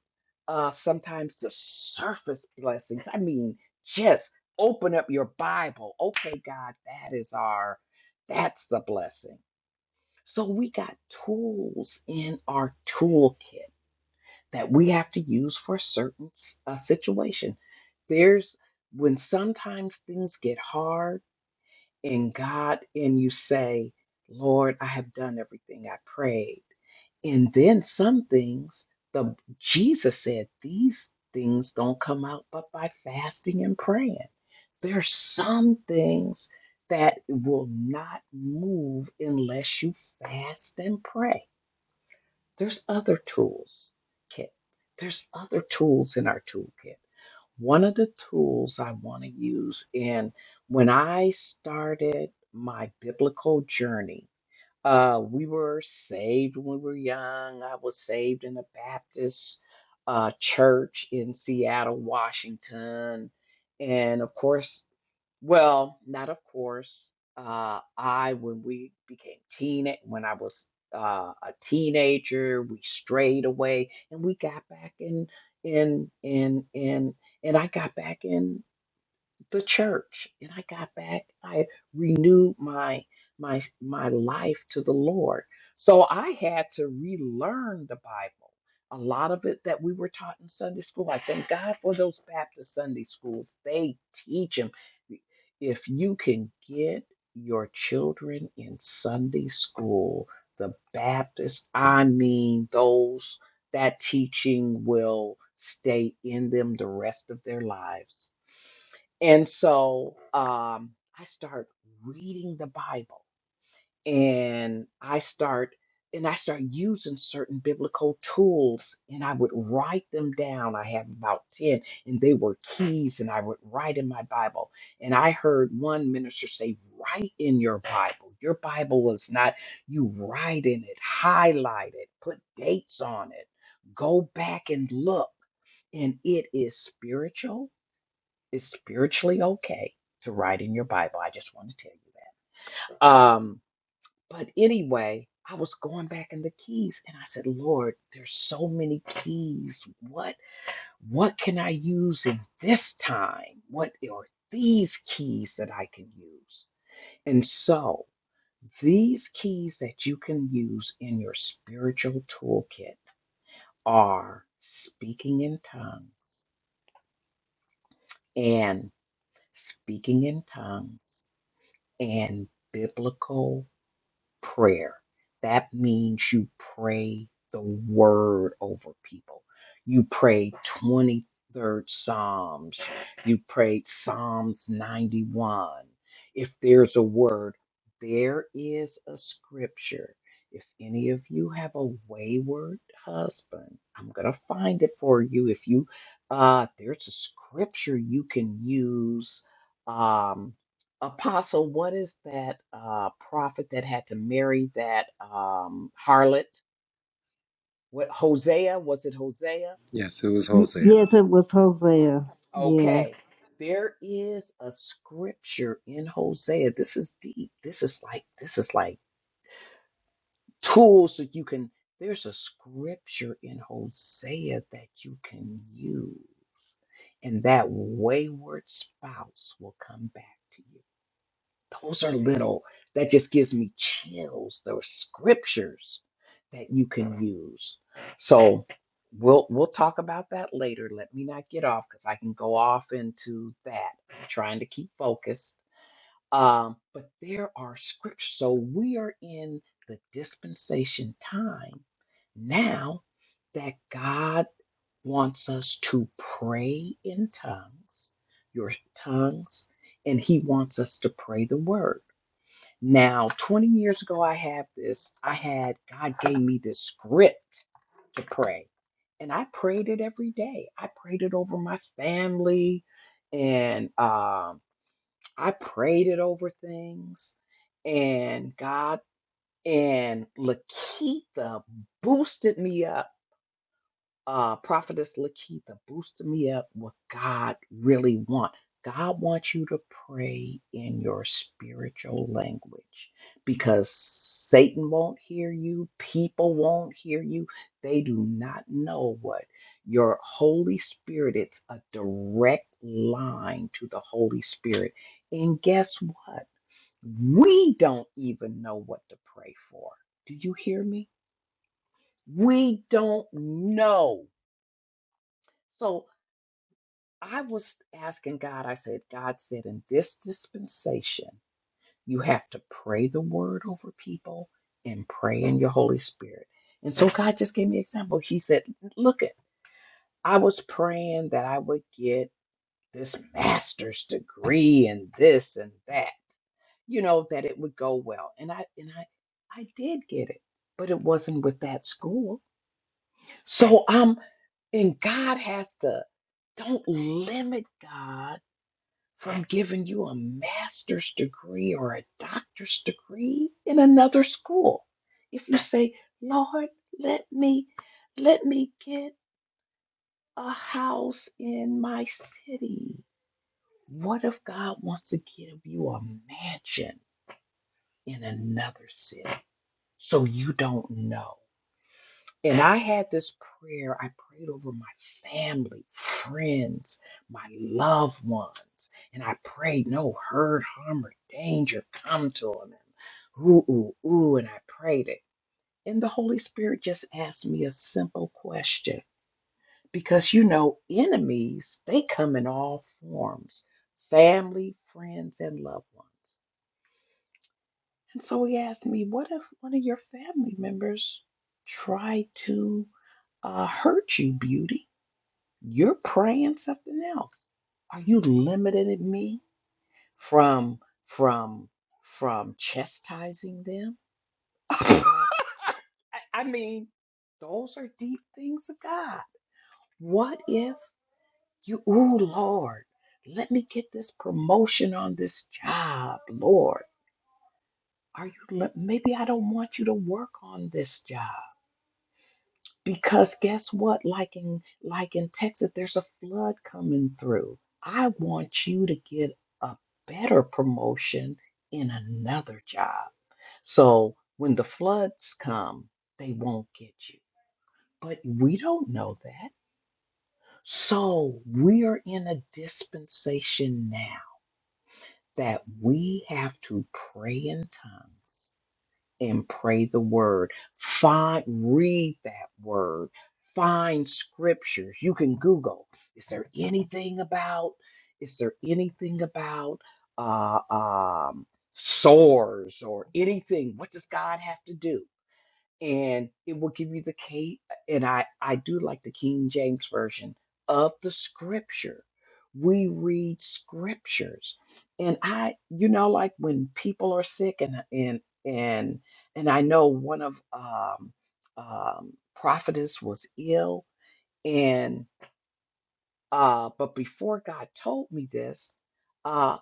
uh sometimes the surface blessings i mean just open up your bible okay god that is our that's the blessing so we got tools in our toolkit that we have to use for certain s- uh, situation there's when sometimes things get hard in God and you say, Lord, I have done everything I prayed. And then some things, the Jesus said, these things don't come out but by fasting and praying. There's some things that will not move unless you fast and pray. There's other tools, Kit. There's other tools in our toolkit. One of the tools I want to use in when I started my biblical journey, uh, we were saved when we were young. I was saved in a Baptist uh, church in Seattle, Washington. And of course, well, not of course. Uh, I, when we became teen, eh, when I was uh, a teenager, we strayed away and we got back in, in, in, in, and I got back in the church and i got back i renewed my my my life to the lord so i had to relearn the bible a lot of it that we were taught in sunday school i thank god for those baptist sunday schools they teach them if you can get your children in sunday school the baptist i mean those that teaching will stay in them the rest of their lives and so um, I start reading the Bible and I start and I start using certain biblical tools and I would write them down. I have about 10 and they were keys and I would write in my Bible. And I heard one minister say, write in your Bible. Your Bible is not you write in it, highlight it, put dates on it, go back and look. And it is spiritual it's spiritually okay to write in your Bible. I just want to tell you that. Um, but anyway, I was going back in the keys and I said, Lord, there's so many keys. What what can I use in this time? What are these keys that I can use? And so these keys that you can use in your spiritual toolkit are speaking in tongues and speaking in tongues and biblical prayer. That means you pray the word over people. You pray 23rd Psalms. You prayed Psalms 91. If there's a word, there is a scripture. If any of you have a wayward husband, I'm going to find it for you. If you, uh, there's a scripture you can use. Um, Apostle, what is that uh, prophet that had to marry that um, harlot? What Hosea? Was it Hosea? Yes, it was Y- Hosea. Yes, it was Hosea. Yeah. Okay. There is a scripture in Hosea. This is deep. This is like this is like tools that you can. There's a scripture in Hosea that you can use, and that wayward spouse will come back to you. Those are little, that just gives me chills. Those scriptures that you can use. So we'll we'll talk about that later. Let me not get off because I can go off into that. I'm trying to keep focused. Um, but there are scriptures. So we are in the dispensation time now that God wants us to pray in tongues, your tongues, and He wants us to pray the word. Now, 20 years ago, I had this, I had, God gave me this script to pray. And I prayed it every day. I prayed it over my family and um, I prayed it over things. And God and Lakitha boosted me up uh, Prophetess Lakitha boosted me up what God really want. God wants you to pray in your spiritual language because Satan won't hear you. People won't hear you. They do not know what your Holy Spirit, it's a direct line to the Holy Spirit. And guess what? We don't even know what to pray for. Do you hear me? We don't know. So I was asking God, I said, God said, in this dispensation, you have to pray the word over people and pray in your Holy Spirit. And so God just gave me an example. He said, Look at, I was praying that I would get this master's degree and this and that, you know, that it would go well. And I and I I did get it, but it wasn't with that school. So um and God has to don't limit God from giving you a master's degree or a doctor's degree in another school. If you say, Lord, let me let me get a house in my city. What if God wants to give you a mansion in another city so you don't know? And I had this prayer. I prayed over my family, friends, my loved ones. And I prayed no hurt, harm, or danger come to them. Ooh, ooh, ooh. And I prayed it. And the Holy Spirit just asked me a simple question. Because you know, enemies, they come in all forms. Family, friends, and loved ones. And so he asked me, What if one of your family members tried to uh, hurt you, beauty? You're praying something else. Are you limiting me from from from chastising them? I, I mean, those are deep things of God. What if you, ooh, Lord, let me get this promotion on this job, Lord. Are you, le- maybe I don't want you to work on this job because guess what? Like in, like in Texas, there's a flood coming through. I want you to get a better promotion in another job. So when the floods come, they won't get you. But we don't know that. So we are in a dispensation now that we have to pray in tongues and pray the word. Find, read that word. Find scriptures. You can Google. Is there anything about? Is there anything about uh, um, sores or anything? What does God have to do? and it will give you the K. And I I do like the King James version of the Scripture. We read scriptures, and I you know like when people are sick and and and and I know one of um, um, prophetess was ill and uh, but before God told me this. uh,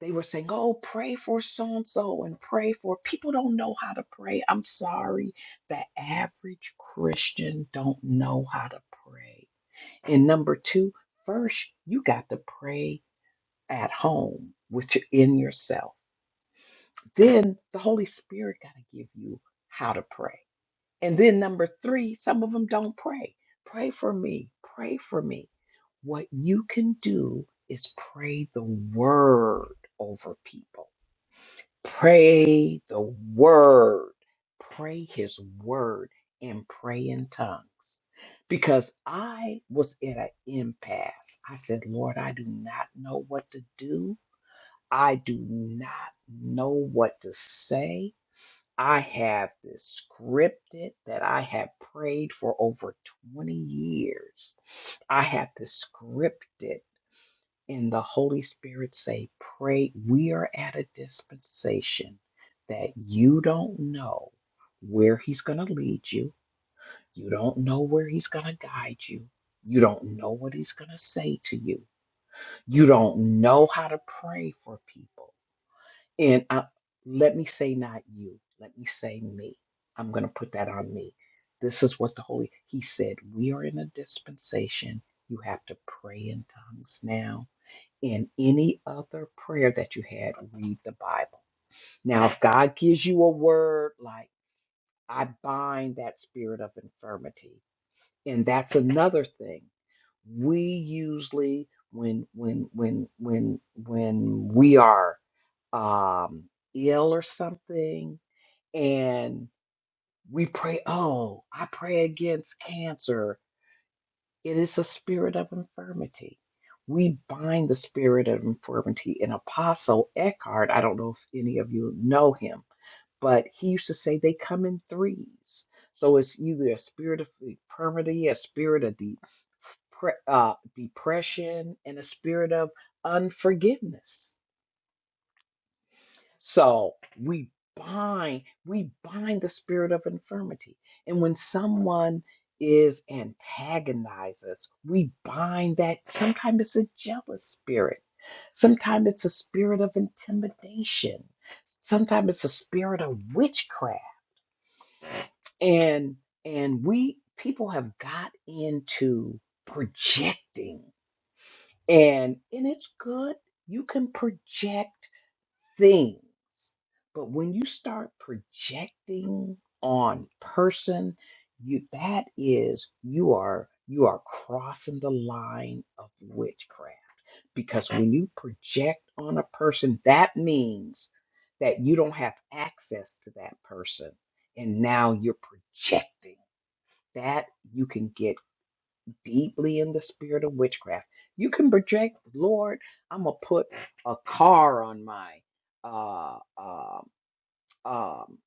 they were saying, "Oh, pray for so and so and pray for." People don't know how to pray. I'm sorry, the average Christian don't know how to pray. And number two, first you got to pray at home with your in yourself. Then the Holy Spirit got to give you how to pray. And then number three, some of them don't pray. Pray for me. Pray for me. What you can do is pray the word over people Pray the word. Pray his word and pray in tongues. Because I was at an impasse. I said, Lord, I do not know what to do. I do not know what to say. I have this scripted that I have prayed for over 20 years. I have the scripted and the Holy Spirit say, Pray. We are at a dispensation that you don't know where He's going to lead you. You don't know where He's going to guide you. You don't know what He's going to say to you. You don't know how to pray for people. And I, let me say, not you, let me say me. I'm going to put that on me. This is what the Holy, He said, we are in a dispensation. You have to pray in tongues now in any other prayer that you had, read the Bible. Now, if God gives you a word like, I bind that spirit of infirmity, and that's another thing. We usually, when when when when when we are um, ill or something, and we pray, oh, I pray against cancer, It is a spirit of infirmity. We bind the spirit of infirmity. And Apostle Eckhart, I don't know if any of you know him, but he used to say they come in threes. So it's either a spirit of infirmity, a spirit of de- pre- uh, depression, and a spirit of unforgiveness. So we bind, we bind the spirit of infirmity. And when someone is antagonizes, us, we bind that. Sometimes it's a jealous spirit. Sometimes it's a spirit of intimidation. Sometimes it's a spirit of witchcraft. And and we people have got into projecting. And and it's good. You can project things. But when you start projecting on person, you that is you are you are crossing the line of witchcraft because when you project on a person, that means that you don't have access to that person and now you're projecting that you can get deeply in the spirit of witchcraft. You can project, Lord, I'm gonna put a car on my uh, uh, um,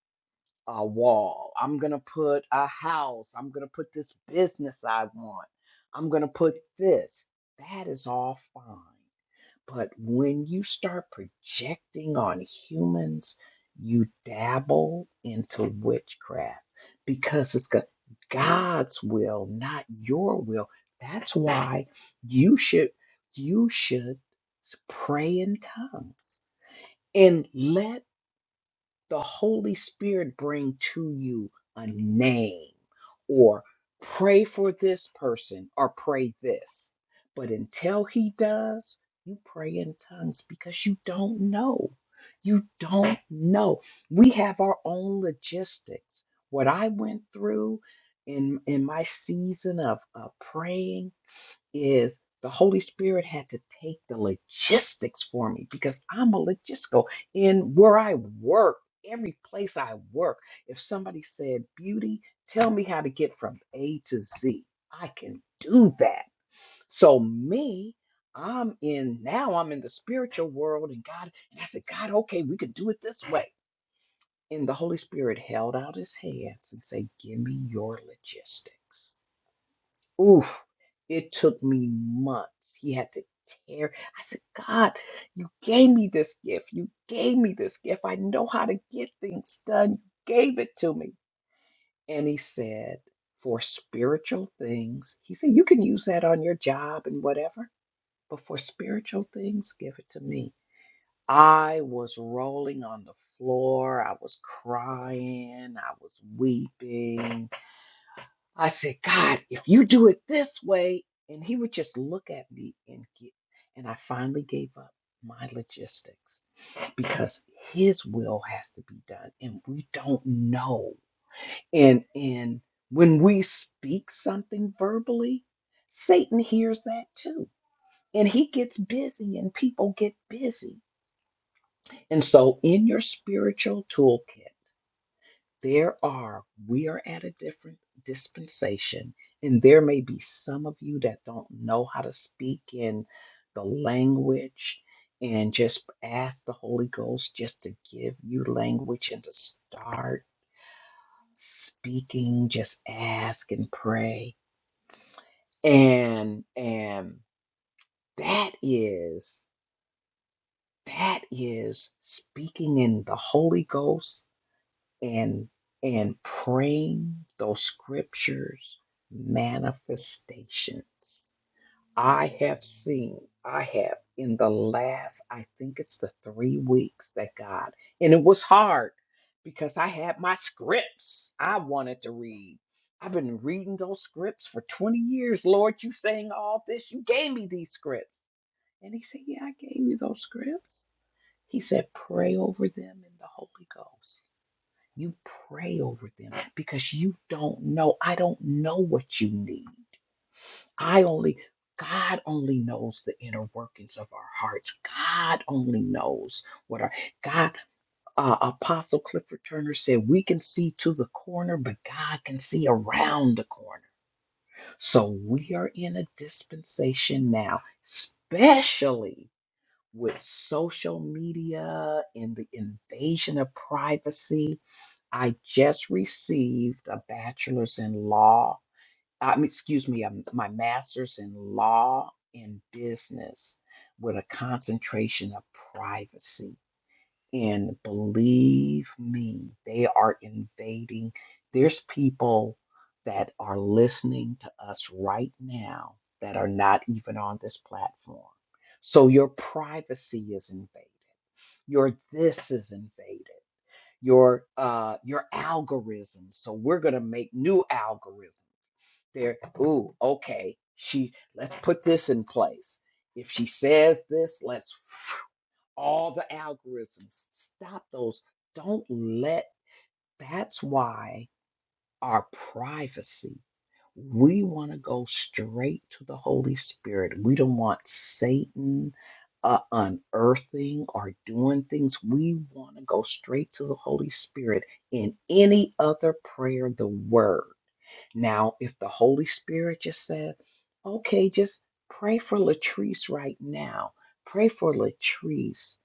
uh, wall. I'm gonna put a house. I'm gonna put this business I want. I'm gonna put this. That is all fine. But when you start projecting on humans, you dabble into witchcraft because it's go- God's will, not your will. That's why you should you should pray in tongues and let the Holy Spirit bring to you a name or pray for this person or pray this. But until he does, you pray in tongues because you don't know. You don't know. We have our own logistics. What I went through in in my season of, of praying is the Holy Spirit had to take the logistics for me because I'm a logistical in where I work, every place I work. If somebody said, Beauty, tell me how to get from A to Z, I can do that. So, me, I'm in now, I'm in the spiritual world, and God, and I said, God, okay, we could do it this way. And the Holy Spirit held out his hands and said, Give me your logistics. Ooh. It took me months. He had to tear. I said, God, you gave me this gift. You gave me this gift. I know how to get things done. You gave it to me. And he said, for spiritual things, he said, you can use that on your job and whatever, but for spiritual things, give it to me. I was rolling on the floor. I was crying. I was weeping. I said, God, if you do it this way, and he would just look at me and get, and I finally gave up my logistics because his will has to be done and we don't know. And and when we speak something verbally, Satan hears that too. And he gets busy and people get busy. And so in your spiritual toolkit, There are, we are at a different dispensation, and there may be some of you that don't know how to speak in the language. And just ask the Holy Ghost just to give you language and to start speaking. Just ask and pray. And and that is that is speaking in the Holy Ghost and and praying those scriptures manifestations i have seen i have in the last i think it's the three weeks that god and it was hard because i had my scripts i wanted to read i've been reading those scripts for 20 years lord you saying all this you gave me these scripts and he said yeah i gave you those scripts he said pray over them in the holy ghost you pray over them because you don't know. I don't know what you need. I only, God only knows the inner workings of our hearts. God only knows what our, God, uh, Apostle Clifford Turner said, we can see to the corner, but God can see around the corner. So we are in a dispensation now, especially with social media and the invasion of privacy I just received a bachelor's in law. I mean, excuse me, um, my master's in law and business with a concentration of privacy. And believe me, they are invading. There's people that are listening to us right now that are not even on this platform. So your privacy is invaded. Your this is invaded your uh your algorithms. So we're gonna make new algorithms. There, ooh, okay. She let's put this in place. If she says this, let's all the algorithms. Stop those. Don't let that's why our privacy. We want to go straight to the Holy Spirit. We don't want Satan uh, unearthing or doing things. We want to go straight to the Holy Spirit in any other prayer, the Word. Now, if the Holy Spirit just said, okay, just pray for Latrice right now, pray for Latrice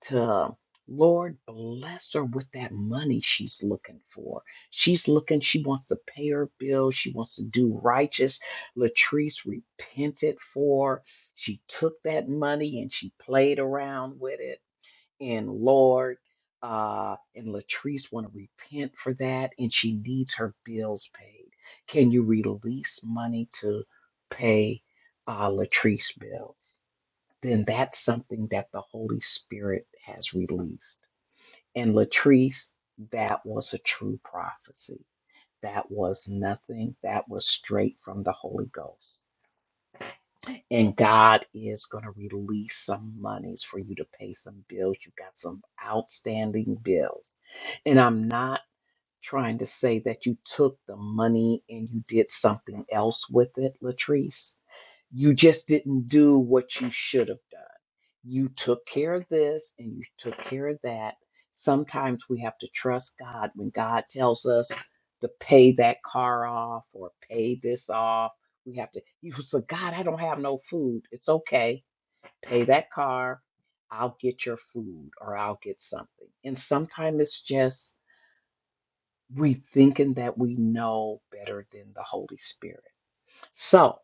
to Lord bless her with that money she's looking for. She's looking, she wants to pay her bills, she wants to do righteous. Latrice repented for. She took that money and she played around with it. And Lord, uh, and Latrice want to repent for that, and she needs her bills paid. Can you release money to pay uh, Latrice bills? then that's something that the Holy Spirit has released. And Latrice, that was a true prophecy. That was nothing. That was straight from the Holy Ghost. And God is going to release some monies for you to pay some bills. You've got some outstanding bills. And I'm not trying to say that you took the money and you did something else with it, Latrice. You just didn't do what you should have done you took care of this and you took care of that. Sometimes we have to trust God when God tells us to pay that car off or pay this off. We have to, you say, God, I don't have no food. It's okay. Pay that car. I'll get your food or I'll get something. And sometimes it's just we thinking that we know better than the Holy Spirit. So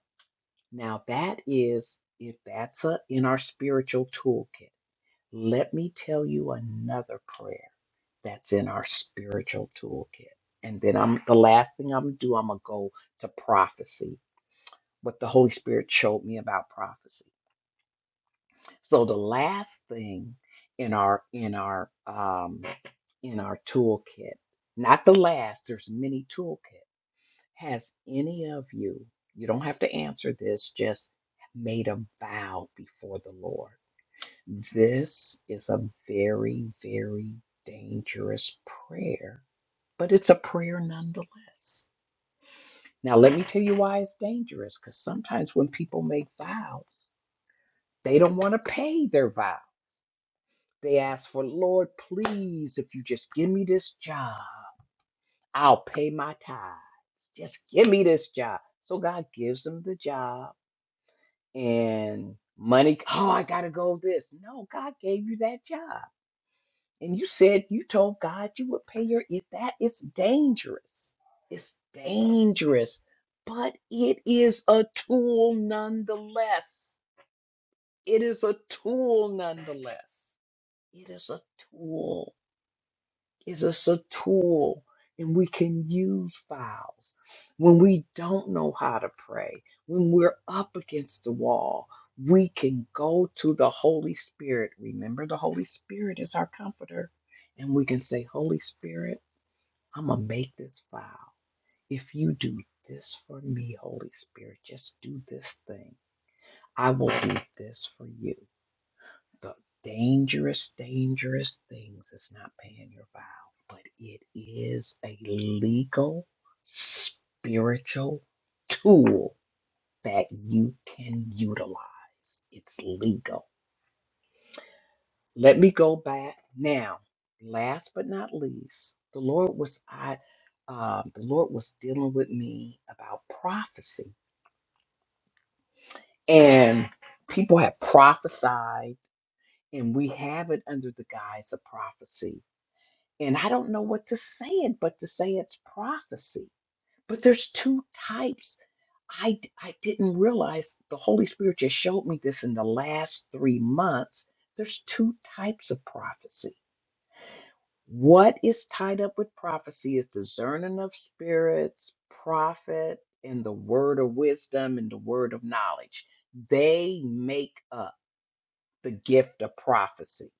now that is, if that's a, in our spiritual toolkit let me tell you another prayer that's in our spiritual toolkit. And then I'm the last thing I'm gonna do, I'm gonna go to prophecy, what the Holy Spirit showed me about prophecy. So the last thing in our in our um in our toolkit, not the last, there's many toolkit. Has any of you, you don't have to answer this, just made a vow before the Lord? This is a very, very dangerous prayer, but it's a prayer nonetheless. Now, let me tell you why it's dangerous because sometimes when people make vows, they don't want to pay their vow. They ask for, Lord, please, if you just give me this job, I'll pay my tithes. Just give me this job. So God gives them the job and money. Oh, I got to go this. No, God gave you that job. And you said you told God you would pay your if that is dangerous. It's dangerous, but it is a tool nonetheless. It is a tool nonetheless. It is a tool. It's just a tool, and we can use files. When we don't know how to pray, when we're up against the wall, we can go to the Holy Spirit. Remember, the Holy Spirit is our comforter. And we can say, Holy Spirit, I'm going to make this file. If you do this for me, Holy Spirit, just do this thing. I will do this for you. The dangerous, dangerous things is not paying your vow, but it is a legal, spiritual tool that you can utilize. It's legal. Let me go back now. Last but not least, the Lord was I um, the Lord was dealing with me about prophecy. And people have prophesied, and we have it under the guise of prophecy And I don't know what to say it, but to say it's prophecy. But there's two types. I, I didn't realize the Holy Spirit just showed me this in the last three months. There's two types of prophecy. What is tied up with prophecy is discerning of spirits, prophet, and the word of wisdom and the word of knowledge. They make up the gift of prophecy.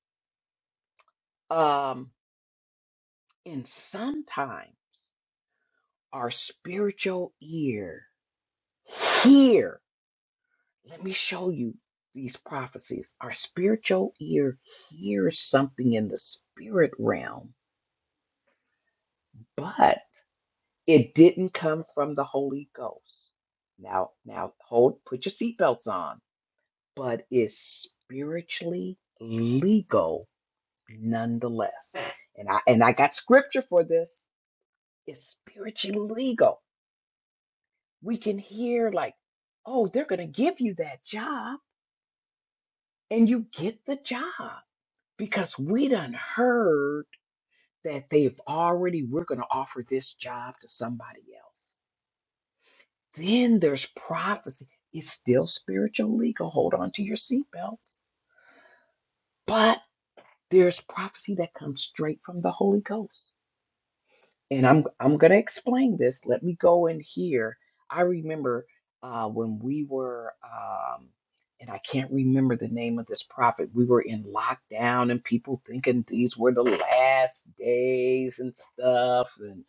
Um, and sometimes our spiritual ear hear. Let me show you these prophecies. Our spiritual ear hears something in the spirit realm, but it didn't come from the Holy Ghost. Now, now hold, put your seatbelts on, but it's spiritually legal nonetheless. And I and I got scripture for this. It's spiritually legal. We can hear like, oh, they're gonna give you that job and you get the job because we done heard that they've already we're going to offer this job to somebody else then there's prophecy it's still spiritual legal hold on to your seatbelts but there's prophecy that comes straight from the holy ghost and I'm I'm gonna explain this. Let me go in here. I remember uh, when we were, um, and I can't remember the name of this prophet. We were in lockdown, and people thinking these were the last days and stuff, and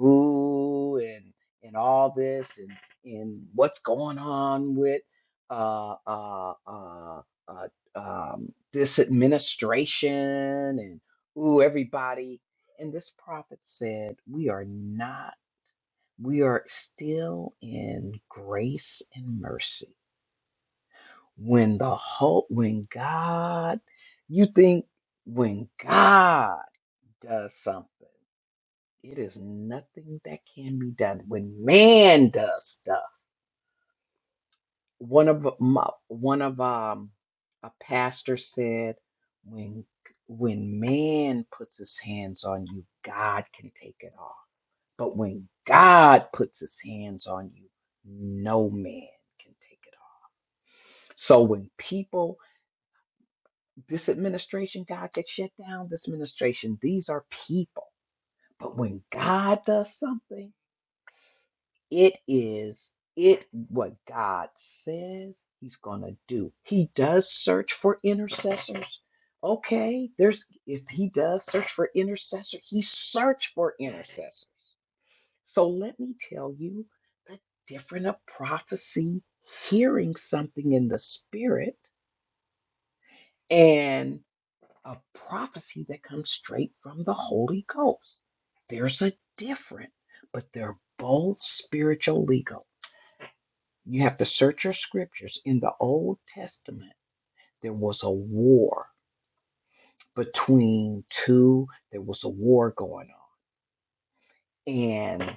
ooh, and and all this, and and what's going on with uh uh uh, uh um, this administration, and ooh, everybody and this prophet said, We are not, we are still in grace and mercy. When the whole, when God, you think when God does something, it is nothing that can be done. When man does stuff, one of my, one of um a pastor said, when when man puts his hands on you, God can take it off But when God puts his hands on you, no man can take it off. So when people, this administration, God gets shut down, this administration, these are people. But when God does something, it is it what God says he's going to do. He does search for intercessors. Okay, there's if he does search for intercessor, he search for intercessors. So let me tell you the difference of prophecy, hearing something in the spirit, and a prophecy that comes straight from the Holy Ghost. There's a difference, but they're both spiritual legal. You have to search your scriptures. In the Old Testament, there was a war between two, there was a war going on. and.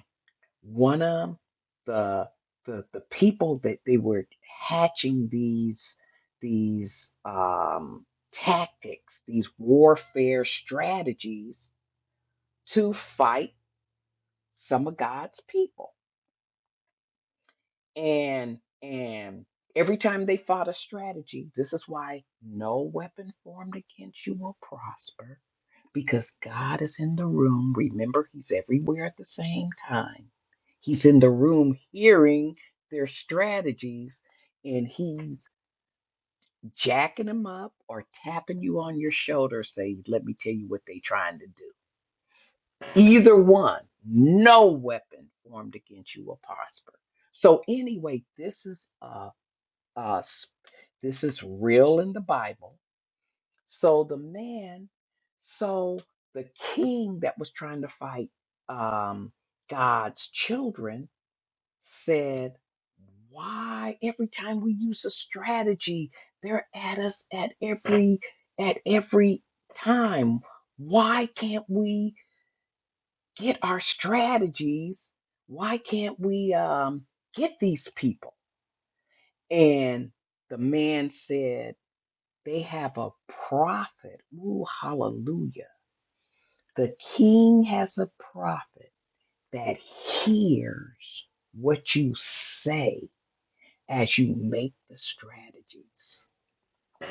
one of the the the people that they were hatching these these um, tactics, these warfare strategies to fight some of God's people and and every time they fought a strategy this is why no weapon formed against you will prosper because god is in the room remember he's everywhere at the same time he's in the room hearing their strategies and he's jacking them up or tapping you on your shoulder say let me tell you what they trying to do either one no weapon formed against you will prosper so anyway this is a us. This is real in the Bible. So the man, so the king that was trying to fight um, God's children said, Why every time we use a strategy, they're at us at every at every time. Why can't we get our strategies? Why can't we um, get these people? And the man said, They have a prophet. Ooh, hallelujah. The king has a prophet that hears what you say as you make the strategies.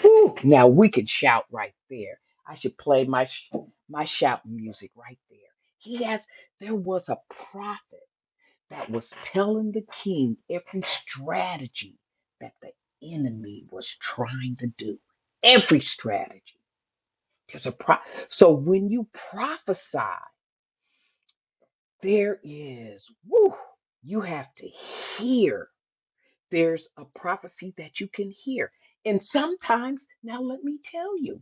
Whew. Now we can shout right there. I should play my sh- my shout music right there. He has there was a prophet that was telling the king every strategy that the enemy was trying to do. Every strategy. There's a pro- so when you prophesy, there is woo, you have to hear. There's a prophecy that you can hear. And sometimes, now let me tell you.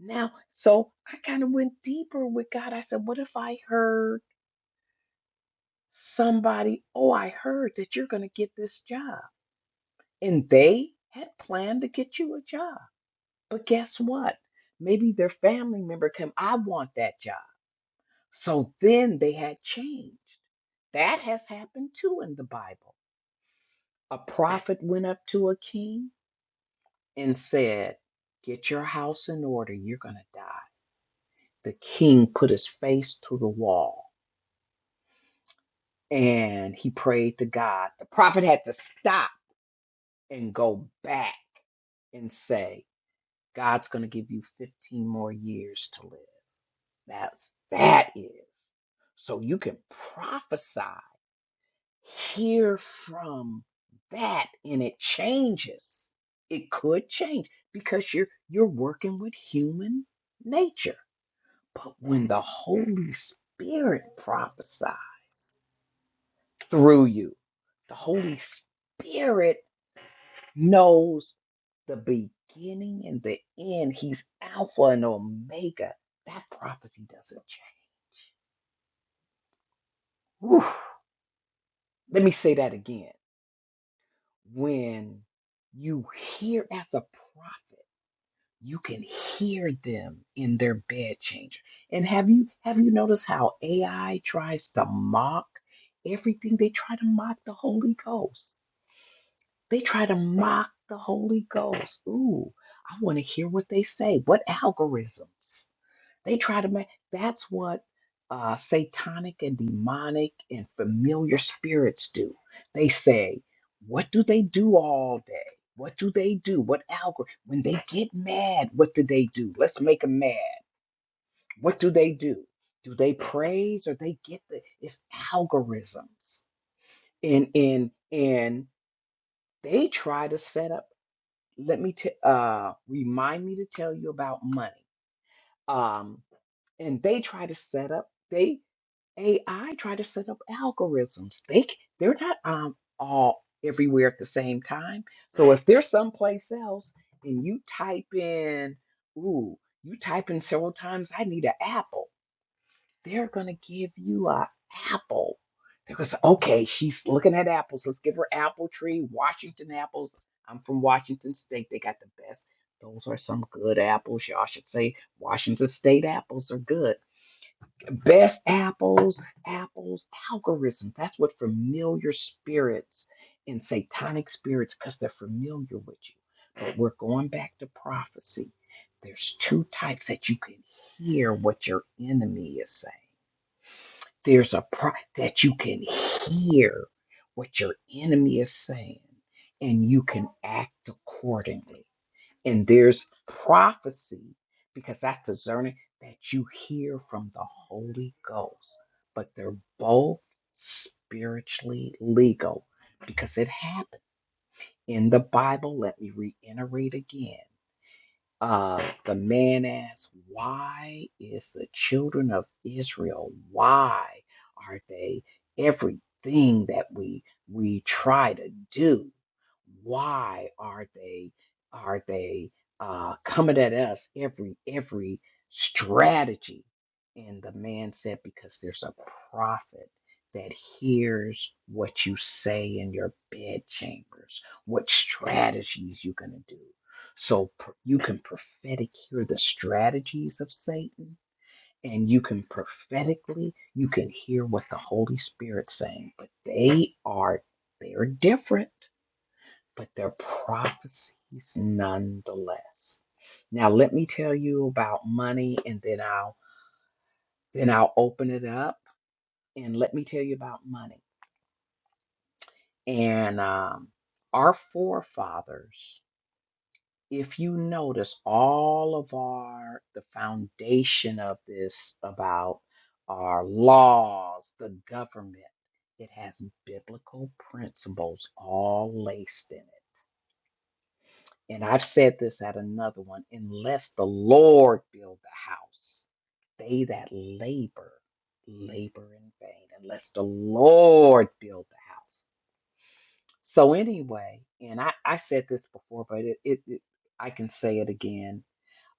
Now, so I kind of went deeper with God. I said, what if I heard somebody, oh, I heard that you're going to get this job. And they had planned to get you a job. But guess what? Maybe their family member came, I want that job. So then they had changed. That has happened too in the Bible. A prophet went up to a king and said, Get your house in order, you're going to die. The king put his face to the wall and he prayed to God. The prophet had to stop and go back and say, God's going to give you 15 more years to live. That's that is. So you can prophesy hear from that and it changes it could change because you're you're working with human nature but when the holy spirit prophesies through you the holy spirit knows the beginning and the end he's alpha and omega that prophecy doesn't change Whew. let me say that again when you hear as a prophet you can hear them in their bed changer. And have you have you noticed how AI tries to mock everything? They try to mock the Holy Ghost. They try to mock the Holy Ghost. Ooh, I want to hear what they say. What algorithms? They try to make that's what uh, satanic and demonic and familiar spirits do. They say, What do they do all day? What do they do? What algorithm? When they get mad, what do they do? Let's make them mad. What do they do? Do they praise or they get the it's algorithms. And and and they try to set up. Let me t- uh remind me to tell you about money. Um, and they try to set up. They AI try to set up algorithms. They c- they're not um all everywhere at the same time. So if they're someplace else and you type in, ooh, you type in several times, I need an apple. They're gonna give you a apple. They're gonna say, okay, she's looking at apples. Let's give her apple tree, Washington apples. I'm from Washington State. They got the best. Those are some good apples. Y'all should say Washington State apples are good best apples, apples, algorithms. That's what familiar spirits and satanic spirits, because they're familiar with you. But we're going back to prophecy. There's two types that you can hear what your enemy is saying. There's a pro- that you can hear what your enemy is saying, and you can act accordingly. And there's prophecy because that's a discerning that you hear from the Holy Ghost. But they're both spiritually legal because it happened in the Bible. Let me reiterate again. Uh, the man asked, Why is the children of Israel, why are they everything that we we try to do? Why are they are they uh, coming at us every every strategy? And the man said, Because there's a prophet that hears what you say in your bedchambers, what strategies you're gonna do so pr- you can prophetic hear the strategies of Satan, and you can prophetically you can hear what the Holy Spirit's saying. But they are they are different, but they're prophecies nonetheless. Now let me tell you about money, and then I'll then I'll open it up and let me tell you about money. And um, our forefathers if you notice all of our the foundation of this about our laws the government it has biblical principles all laced in it and i've said this at another one unless the lord build the house they that labor labor in vain unless the lord build the house so anyway and i, I said this before but it, it, it i can say it again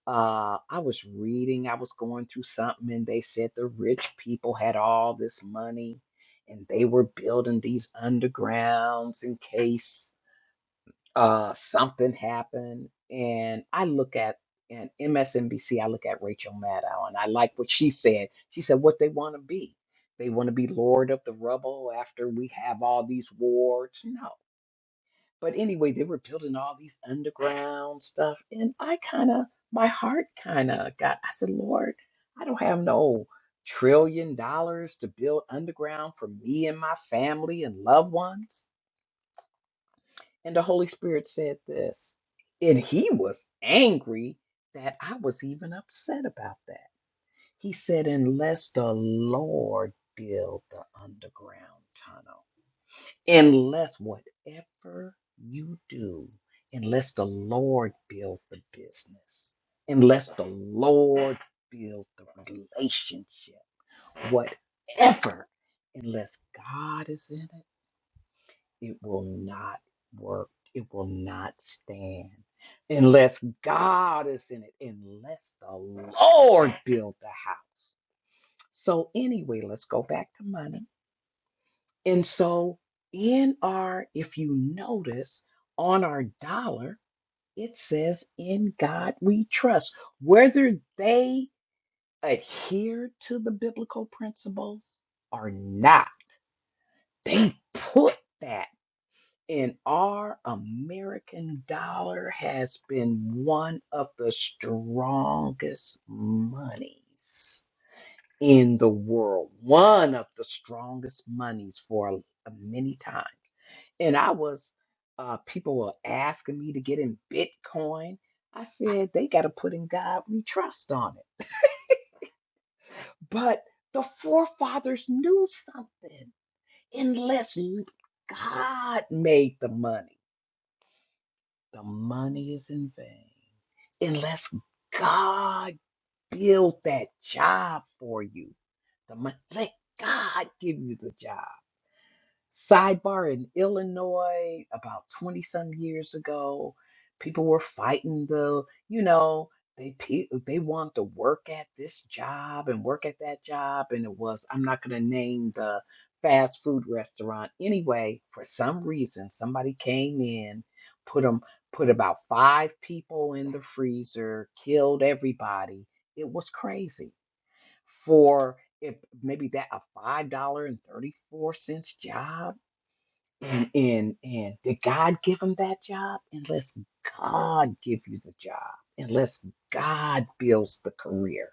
uh I was reading, I was going through something, and they said the rich people had all this money and they were building these undergrounds in case uh something happened. And I look at and MSNBC, I look at Rachel Maddow and I like what she said. She said what they want to be. They want to be lord of the rubble after we have all these wars. No. But anyway, they were building all these underground stuff. And I kind of, my heart kind of got, I said, Lord, I don't have no trillion dollars to build underground for me and my family and loved ones. And the Holy Spirit said this. And he was angry that I was even upset about that. He said, unless the Lord build the underground tunnel unless whatever you do, unless the Lord build the business, unless the Lord build the relationship, whatever, unless God is in it, it will not work. It will not stand. Unless God is in it, unless the Lord build the house. So anyway, let's go back to money and so in our, if you notice on our dollar, it says, In God we trust. Whether they adhere to the biblical principles or not, they put that. in our American dollar has been one of the strongest monies in the world, one of the strongest monies for a- many times. and I was, uh, people were asking me to get in Bitcoin. I said they got to put in God we trust on it. But the forefathers knew something. Unless you- God made the money, the money is in vain. Unless God built that job for you, the money, let God give you the job. sidebar in Illinois about 20 some years ago. People were fighting the, you know, they pe- they want to work at this job and work at that job and it was I'm not going to name the fast food restaurant anyway for some reason somebody came in put them put about 5 people in the freezer killed everybody it was crazy for if maybe that a $5.34 job and and and did God give him that job? Unless God give you the job. unless God builds the career.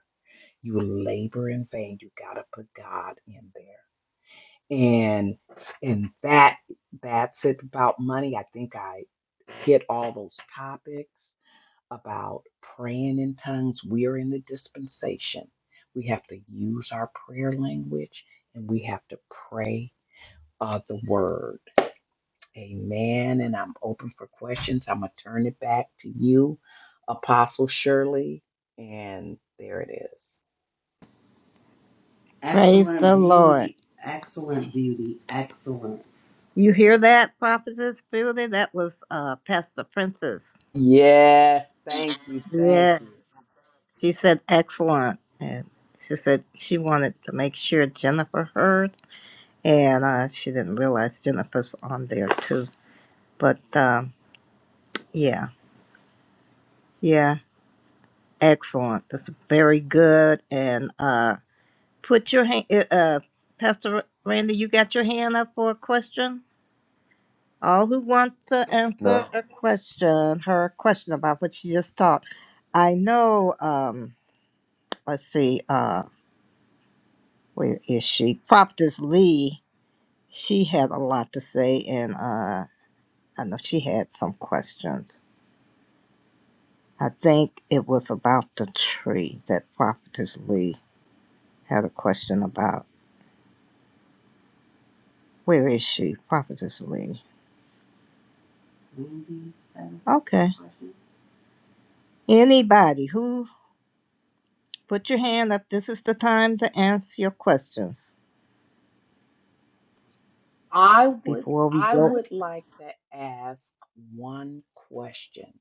You labor in vain. You gotta put God in there. And and that that's it about money. I think I hit all those topics about praying in tongues. We're in the dispensation. We have to use our prayer language and we have to pray uh, the word Amen. And I'm open for questions. I'm going to turn it back to you, Apostle Shirley. And there it is. Praise Excellent the Lord. beauty, excellent beauty, excellent. You hear that, Prophetess Beauty? That was uh, Pastor Princess. Yes, thank you. Thank Yeah. you. She said excellent. And she said she wanted to make sure Jennifer heard. And uh, she didn't realize Jennifer's on there too. but um, yeah, yeah, excellent. That's very good. And uh, put your hand, uh, uh, Pastor Randy, you got your hand up for a question. All who want to Now, answer a question, her question about what she just taught. I know. Um, let's see. Uh, where is she? Prophetess Lee. She had a lot to say, and uh, I know she had some questions. I think it was about the tree that Prophetess Lee had a question about where is she, Prophetess Lee? Okay. Anybody who put your hand up, this is the time to answer your questions I would before we I go. would like to ask one question.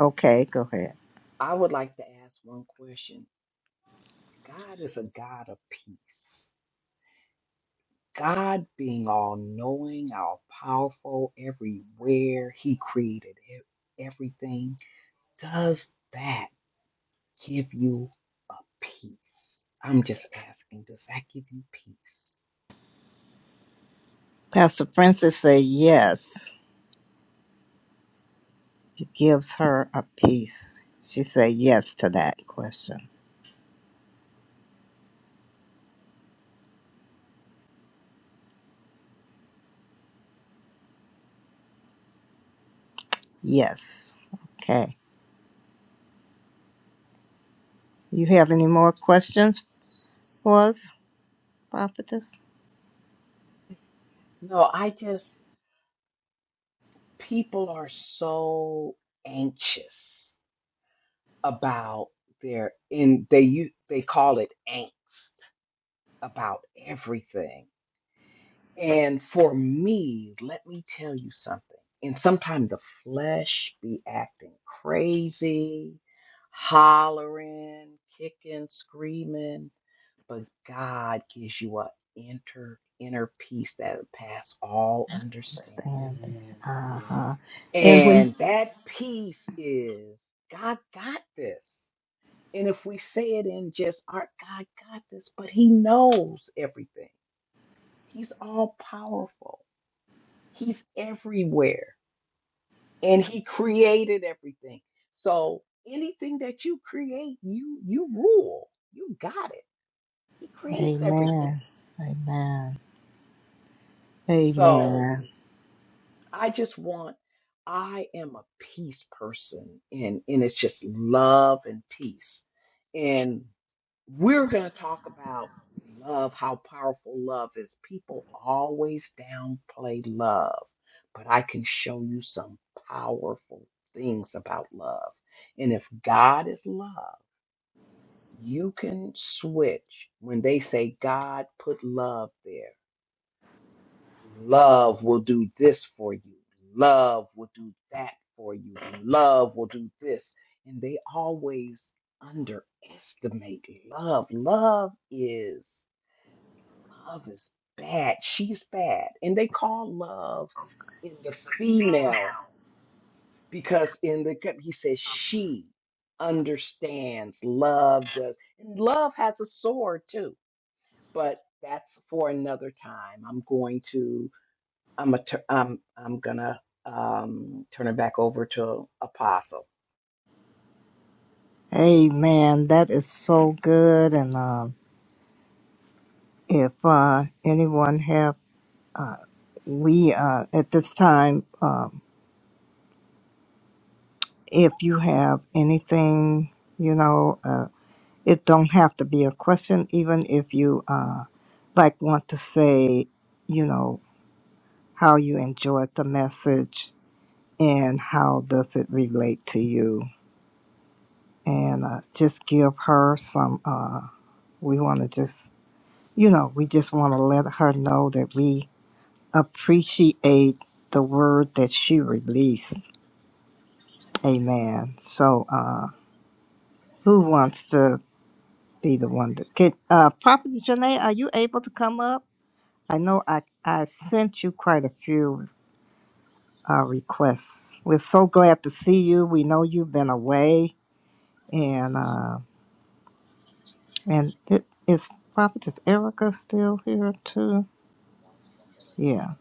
Okay, go ahead. I would like to ask one question. God is a God of peace. God being all knowing, all powerful, everywhere, He created e- everything. Does that give you a peace? I'm just asking, does that give you peace? Pastor Francis say yes. It gives her a peace. She say yes to that question. Yes. Okay. You have any more questions for us, Prophetess? No, I just, people are so anxious about their, and they, you they call it angst about everything. And for me, let me tell you something. And sometimes the flesh be acting crazy, hollering, kicking, screaming. but God gives you an inner inner peace that will pass all understanding. Uh huh. And when, And that peace is God got this. And if we say it in just our God got this, but He knows everything. He's all powerful. He's everywhere. And He created everything. So anything that you create, you you rule. You got it. He creates everything. Amen. Amen. So Amen. I just want, I am a peace person, and and it's just love and peace. And we're gonna talk about love, how powerful love is. People always downplay love, but I can show you some powerful things about love. And if God is love, you can switch when they say God put love there Love will do this for you. Love will do that for you. Love will do this. And they always underestimate love. Love is love is bad. She's bad. And they call love in the female because in the he says she understands love does and love has a sword too but that's for another time i'm going to I'm a tur- I'm I'm gonna um, turn it back over to Apostle. Hey man, that is so good. And um, if uh, anyone have, uh, we uh, at this time, um, if you have anything, you know, uh, it don't have to be a question. Even if you uh, like want to say, you know, how you enjoyed the message and how does it relate to you, and uh, just give her some. Uh, we want to just, you know, we just want to let her know that we appreciate the word that she released. Amen. So, uh, who wants to be the one that get? Uh, Prophet Janae, are you able to come up? I know I I sent you quite a few uh, requests. We're so glad to see you. We know you've been away, and uh, and it, is Prophet is Erica still here too? Yeah.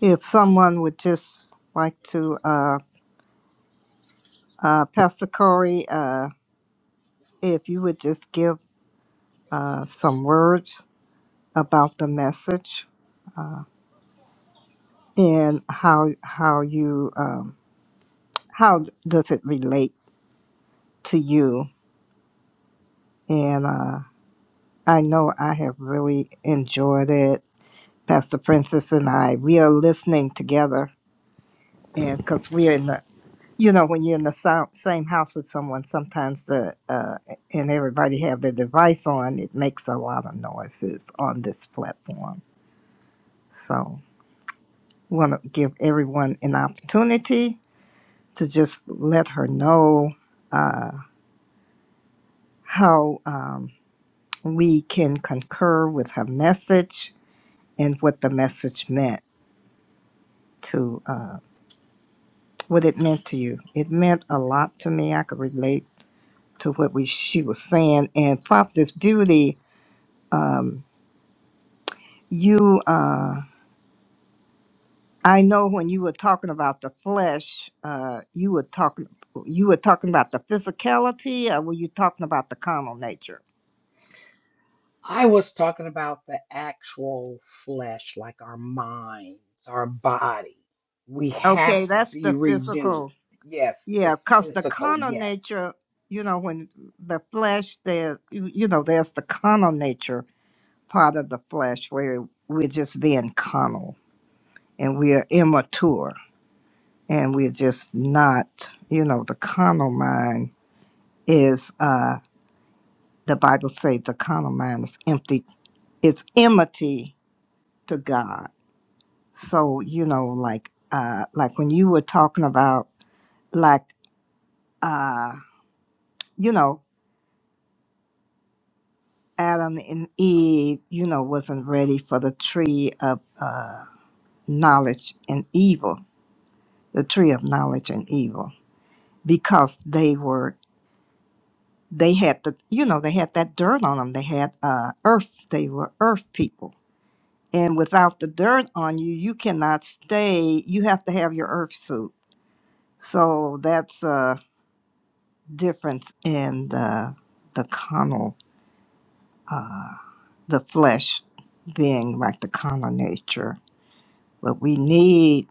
If someone would just like to, uh, uh, Pastor Corey, uh, if you would just give uh, some words about the message uh, and how how you um, how does it relate to you? And uh, I know I have really enjoyed it. Pastor Princess and I, we are listening together, and because we're in the you know when you're in the sou- same house with someone, sometimes the uh, and everybody have their device on, it makes a lot of noises on this platform. So. want to give everyone an opportunity to just let her know uh, how um, we can concur with her message and what the message meant to uh, what it meant to you. It meant a lot to me. I could relate to what we she was saying. And Prophetess Beauty, um, you. Uh, I know when you were talking about the flesh, uh, you were talking you were talking about the physicality, or were you talking about the carnal nature? I was talking about the actual flesh, like our minds, our body. We have Okay, to that's be the renewed. physical. Yes, the Yeah, because the physical, carnal yes. nature, you know, when the flesh, there, you, you know, there's the carnal nature part of the flesh where we're just being carnal and we're immature and we're just not, you know, the carnal mind is, uh, the Bible says the carnal mind is empty it's enmity to God. So you know, like uh, like when you were talking about like uh, you know Adam and Eve, you know, wasn't ready for the tree of uh, knowledge and evil, the tree of knowledge and evil, because they were they had the you know they had that dirt on them. They had uh, earth. They were earth people. And without the dirt on you, you cannot stay. You have to have your earth suit. So that's uh. difference in the the carnal, uh, the flesh being like the carnal nature, but we need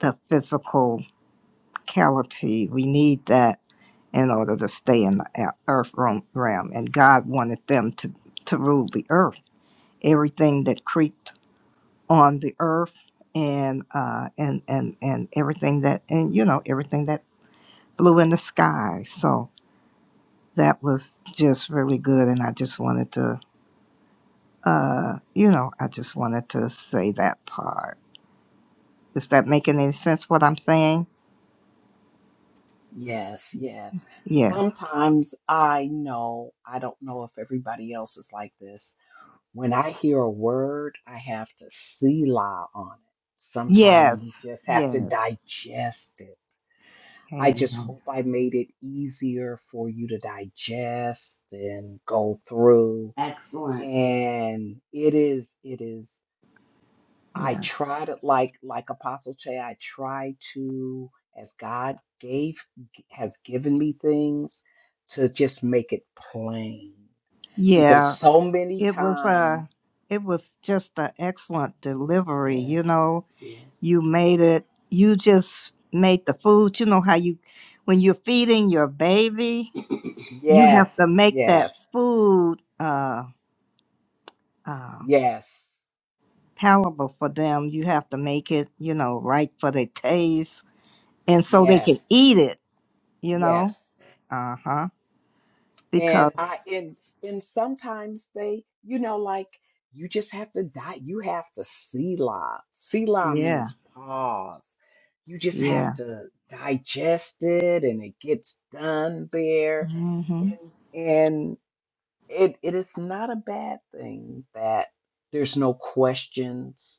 the physicality. We need that in order to stay in the ea- earth realm, realm. and God wanted them to to rule the earth. Everything that creeped on the earth, and uh, and and and everything that and you know everything that flew in the sky. So that was just really good, and I just wanted to Uh, you know, I just wanted to say that part. Is that making any sense what I'm saying? Yes, yes. Yes. Sometimes I know, I don't know if everybody else is like this. When I hear a word, I have to see la on it. Sometimes we Yes. just have to Yes. digest it I just Amen. hope I made it easier for you to digest and go through. And it is, it is, I Yeah. try to like like Apostle Che, I try to, as God gave has given me things, to just make it plain. Because Yeah. so many It was uh times, it was just an excellent delivery, you know. You made it you just made the food. You know how you when you're feeding your baby, you have to yes, make that yes, food uh uh yes, palatable for them. You have to make it, you know, right for their taste and so they can yes, eat it, you know. yes. Uh huh. And Because I and and sometimes they, you know, like you just have to die. You have to Selah. Selah yeah, means pause. You just have yeah. to digest it and it gets done there. hmm And and it it is not a bad thing that there's no questions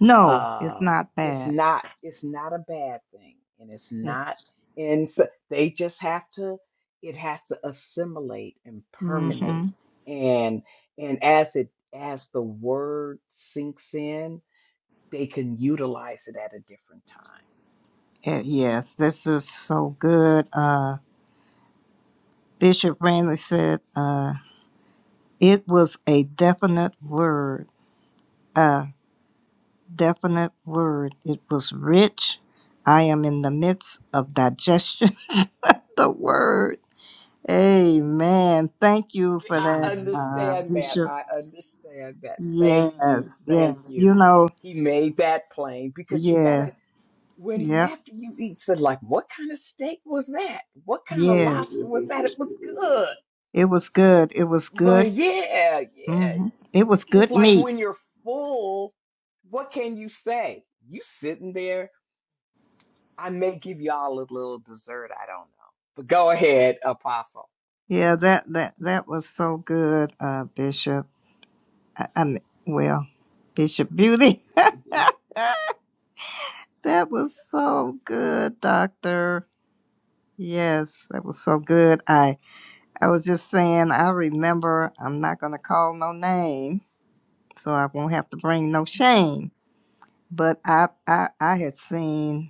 No, it's uh, not it's bad. not it's not a bad thing and it's It's, not and so they just have to it has to assimilate and mm-hmm. permeate and and as it as the word sinks in they can utilize it at a different time Eh, yes, this is so good. Uh, Bishop Randley said, uh, it was a definite word. A definite word. It was rich. I am in the midst of digestion. the word. Amen. Thank you for i that, uh, understand that Bishop. i understand that thank you Yes, thank yes. you You know, he made that plain because you gotta yeah, when yeah, after you eat said like what kind of steak was that what kind of yeah. lobster was that it was good It was good. It was but good. yeah yeah hmm It was it's good like meat. when you're full what can you say you sitting there i may give y'all a little dessert i don't know but go ahead apostle Yeah, that that that was so good, uh, Bishop. I, I mean, well, Bishop Beauty. that was so good, Doctor. Yes, that was so good. I I was just saying. I remember. I'm not gonna call no name, so I won't have to bring no shame. But I I I had seen.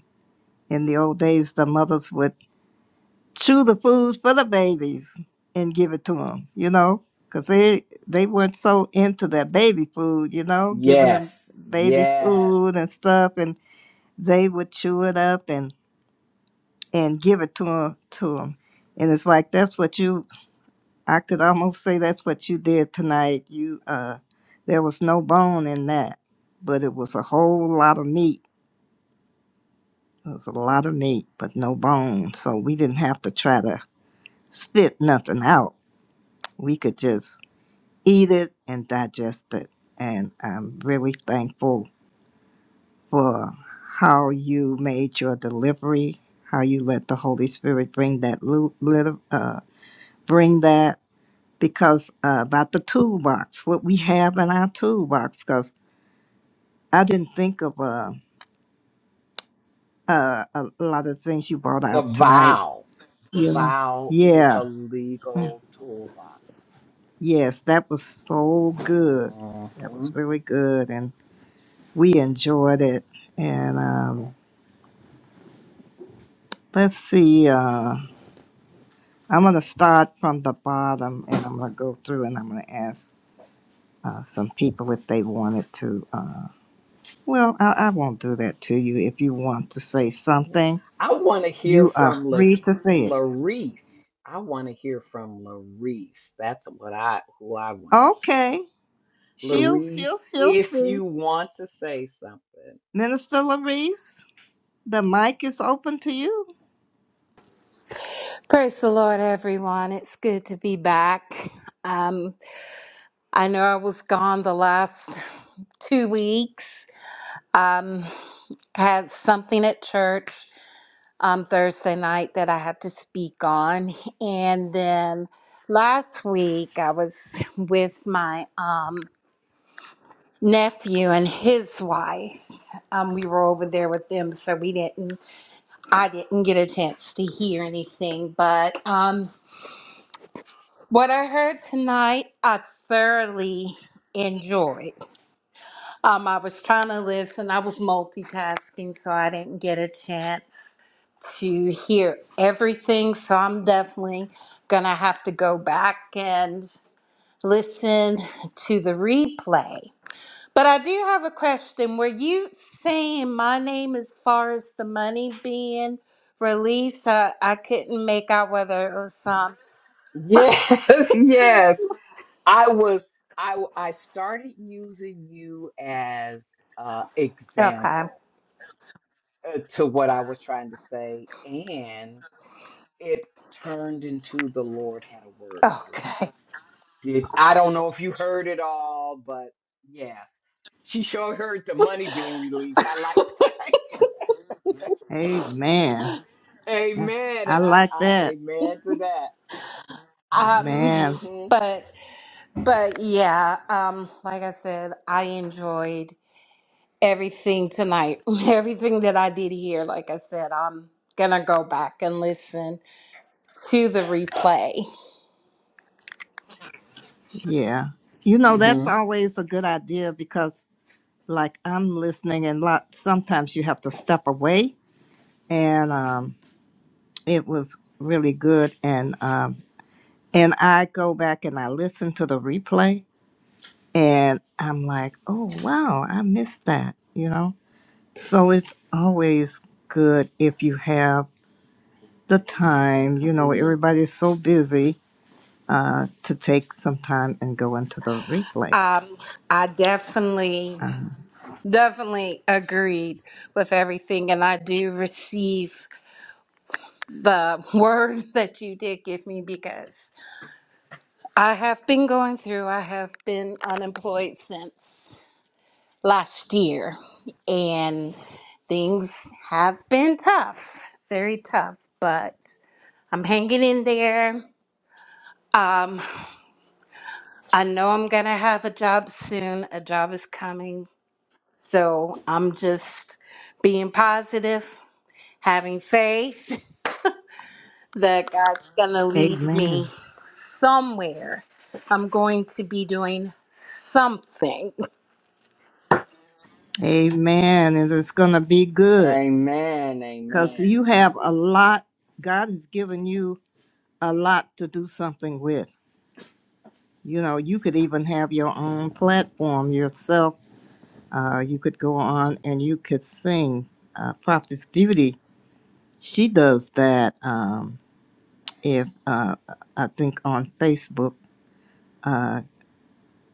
In the old days, the mothers would chew the food for the babies and give it to them, you know, because they, they weren't so into their baby food, you know, giving them yes baby yes food and stuff, and they would chew it up and, and give it to them, to them. And it's like that's what you, I could almost say that's what you did tonight. You, uh, there was no bone in that, but it was a whole lot of meat. It was a lot of meat, but no bone. So we didn't have to try to spit nothing out. We could just eat it and digest it. And I'm really thankful for how you made your delivery, how you let the Holy Spirit bring that lu- little, uh, bring that because uh, about the toolbox, what we have in our toolbox. Because I didn't think of uh, uh, a lot of things you brought the out tonight. vow the You know, vow is yeah, a Mm, legal toolbox yes, that was so good. That Mm-hmm. was really good, and we enjoyed it. And um, let's see, uh, I'm going to start from the bottom and I'm going to go through and I'm going to ask uh, some people if they wanted to. Uh, well, I, I won't do that to you. If you want to say Yeah. something, I want to hear you are from La- free to say it. Larice. I want to hear from Larice. That's what I who I want to hear Okay, from. she'll, Larice, she'll, she'll if you speak. want to say something. Minister Larice, the mic is open to you. Praise the Lord, everyone. It's good to be back. Um, I know I was gone the last two weeks. Um, had something at church um, Thursday night that I had to speak on, and then last week I was with my um, nephew and his wife. Um, we were over there with them, so we didn't. I didn't get a chance to hear anything, but. Um, What I heard tonight, I thoroughly enjoyed. Um, I was trying to listen, I was multitasking, so I didn't get a chance to hear everything. So I'm definitely going to have to go back and listen to the replay. But I do have a question. Were you saying my name as far as the money being released? I, I couldn't make out whether it was um, Yes, yes. I was I w- I started using you as uh okay. example uh, to what I was trying to say and it turned into the Lord had a word for you. Okay. Did I don't know if you heard it all, but yes, she sure heard the money being released. I like that. Amen. Yeah, amen, I and I, like I that. amen to that. Um, Amen. Mhm, but but yeah, um, like I said, I enjoyed everything tonight. Everything that I did here, like I said, I'm gonna go back and listen to the replay. Yeah. You know, that's mhm. always a good idea because like I'm listening and lot sometimes you have to step away and um it was really good and um and I go back and I listen to the replay and I'm like, "Oh, wow, I missed that." You know? So it's always good if you have the time, you know, everybody's so busy uh to take some time and go into the replay. Um, I definitely definitely agreed with everything and I do receive the word that you did give me because I have been going through, I have been unemployed since. last year, and things have been tough, very tough, but I'm hanging in there. Um, I know I'm gonna have a job soon, a job is coming, so I'm just being positive, having faith that God's gonna lead Amen. me somewhere. I'm going to be doing something. Amen. And it's going to be good Amen, because amen. you have a lot. God has given you a lot to do something with. You know, you could even have your own platform yourself. Uh, you could go on and you could sing. Uh, Prophetess Beauty, she does that. Um, if uh, I think on Facebook, uh,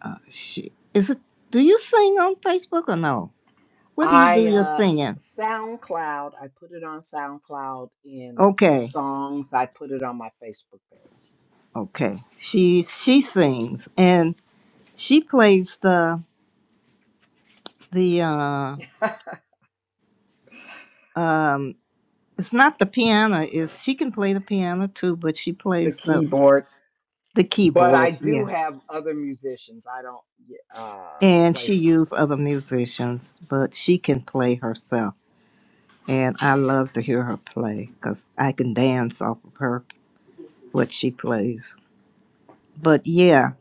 uh, she is it. Do you sing on Facebook or no? Where do you I do your uh, singing? SoundCloud. I put it on SoundCloud in s- the Okay. songs. I put it on my Facebook page. Okay. She she sings and she plays the the uh um it's not the piano, is she can play the piano too, but she the plays the keyboard, the but I keyboard, do yeah. have other musicians. I don't y- uh, And play she for me. used other musicians, but she can play herself. And I love to hear her play because I can dance off of her what she plays. But yeah,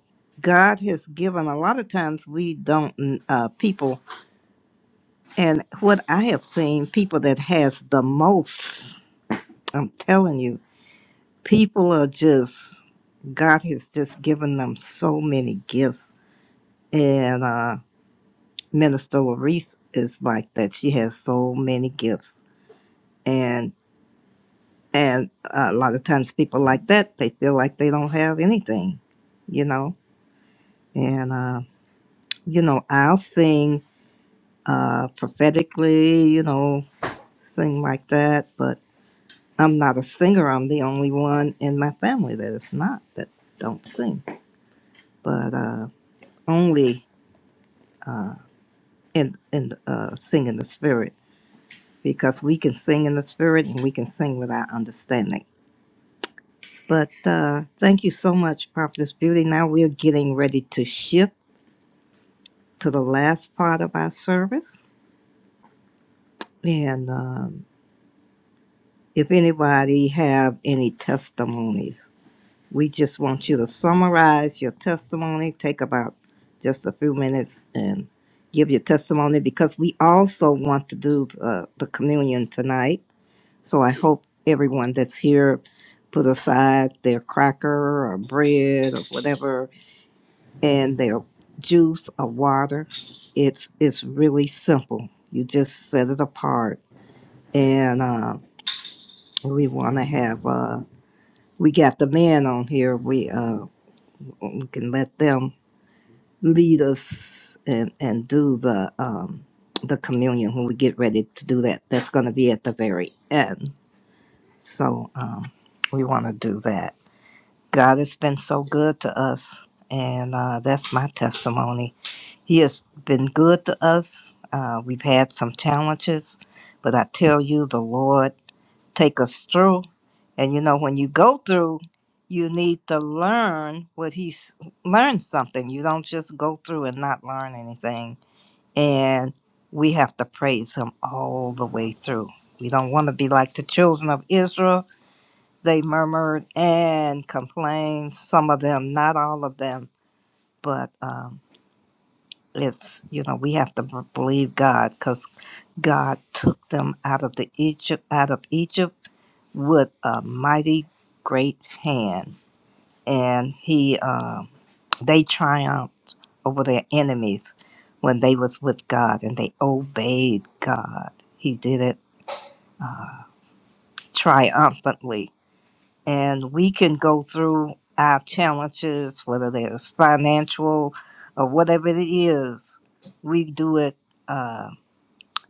God has given a lot of times we don't uh people And what I have seen, people that has the most, I'm telling you, people are just God has just given them so many gifts. And uh Minister Larice is like that. She has so many gifts. And and a lot of times people like that, they feel like they don't have anything, you know. And uh, you know, I'll sing uh prophetically, you know, sing like that, but I'm not a singer. I'm the only one in my family that is not that don't sing, but uh, only uh, in in uh, sing in the spirit because we can sing in the spirit and we can sing without understanding. But uh, thank you so much, Prophetess Beauty. Now we're getting ready to shift to the last part of our service, and um, if anybody have any testimonies We just want you to summarize your testimony, take about just a few minutes and give your testimony because we also want to do uh, the communion tonight. So I hope everyone that's here put aside their cracker or bread or whatever and their juice or water. It's it's really simple. You just set it apart and uh, we want to have uh, we got the men on here. We uh, we can let them lead us and and do the um the communion when we get ready to do that that's going to be at the very end so um we want to do that god has been so good to us and uh that's my testimony he has been good to us uh we've had some challenges but i tell you the lord take us through. And you know, when you go through, you need to learn what he's learn something. You don't just go through and not learn anything. And we have to praise him all the way through. We don't want to be like the children of Israel. They murmured and complained. Some of them, not all of them, but um, it's you know we have to b- believe God, because. God took them out of the Egypt out of Egypt with a mighty great hand, and he uh, they triumphed over their enemies when they was with God and they obeyed God. He did it uh, triumphantly, and we can go through our challenges, whether there's financial or whatever it is. We do it. Uh,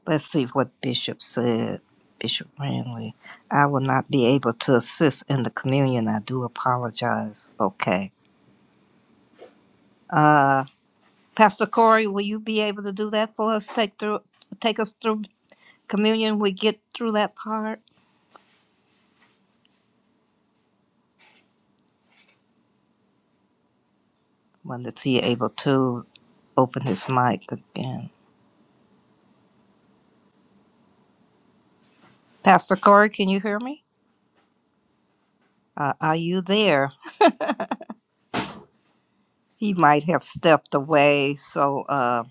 Let's see what Bishop said. Bishop Ranley, I will not be able to assist in the communion. I do apologize. Okay. Uh, Pastor Corey, will you be able to do that for us? Take through, take us through communion. We get through that part. When is he able to open his mic again? Pastor Corey, can you hear me? Uh, are you there? He might have stepped away. So, uh,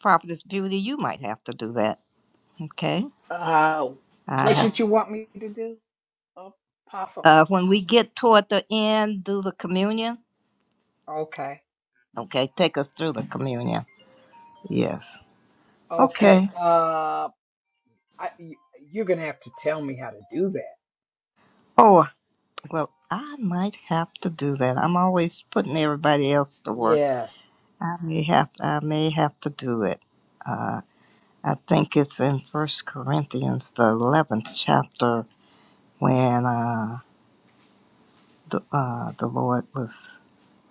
Prophetess Beauty, you might have to do that. Okay. Uh, I have. what did you want me to do? Apostle. Uh, when we get toward the end, do the communion. Okay. Okay, take us through the communion. Yes. Okay. Okay. Uh, I, y- you're gonna have to tell me how to do that. Oh, well, I might have to do that. I'm always putting everybody else to work. Yeah. I may have. I may have to do it. Uh, I think it's in First Corinthians, the eleventh chapter, when uh, the uh, the Lord was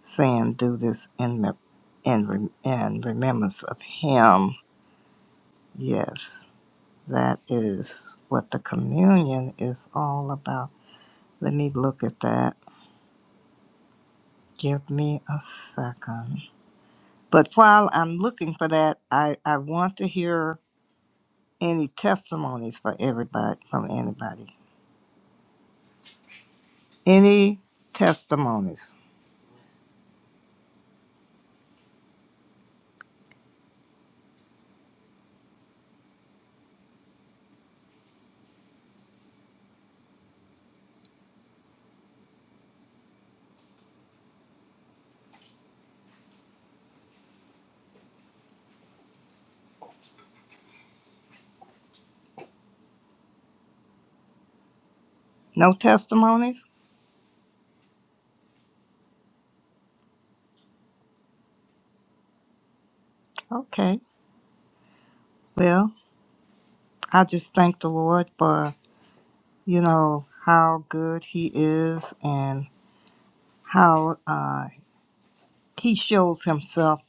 saying, "Do this in mem- in rem- in remembrance of Him." Yes. That is what the communion is all about. Let me look at that. Give me a second. But while I'm looking for that, I, I want to hear any testimonies for everybody from anybody. Any testimonies? No testimonies? Okay. Well, I just thank the Lord for, you know, how good He is and how uh, He shows Himself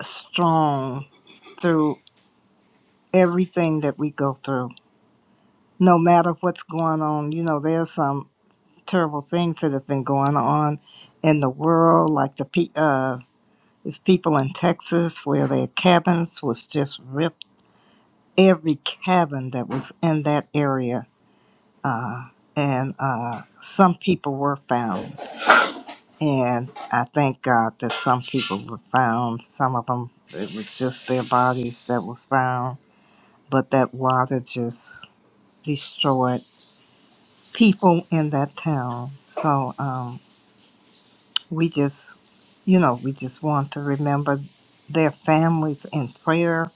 strong through. everything that we go through, no matter what's going on. You know, there's some terrible things that have been going on in the world, like the pe- uh, there's people in Texas where their cabins was just ripped. Every cabin that was in that area, uh, and uh, some people were found. And I thank God that some people were found. Some of them, it was just their bodies that was found. But that water just destroyed people in that town. So um, we just, you know, we just want to remember their families in prayer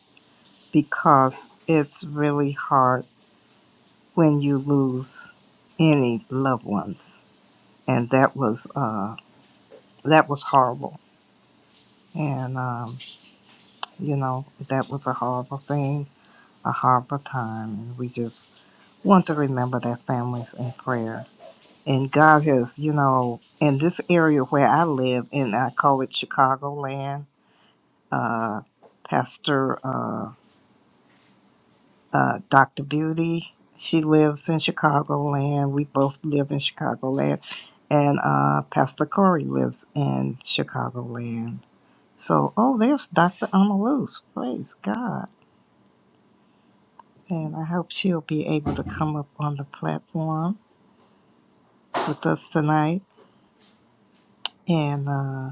because it's really hard when you lose any loved ones, and that was uh, that was horrible. And um, you know, that was a horrible thing, a horrible time, and we just want to remember their families in prayer. And God has, you know, in this area where I live, and I call it Chicagoland, uh, Pastor uh, uh, Dr. Beauty, she lives in Chicagoland. We both live in Chicagoland. And uh, Pastor Corey lives in Chicagoland. So, oh, there's Dr. Amaluz. Praise God. And I hope she'll be able to come up on the platform with us tonight. And, uh,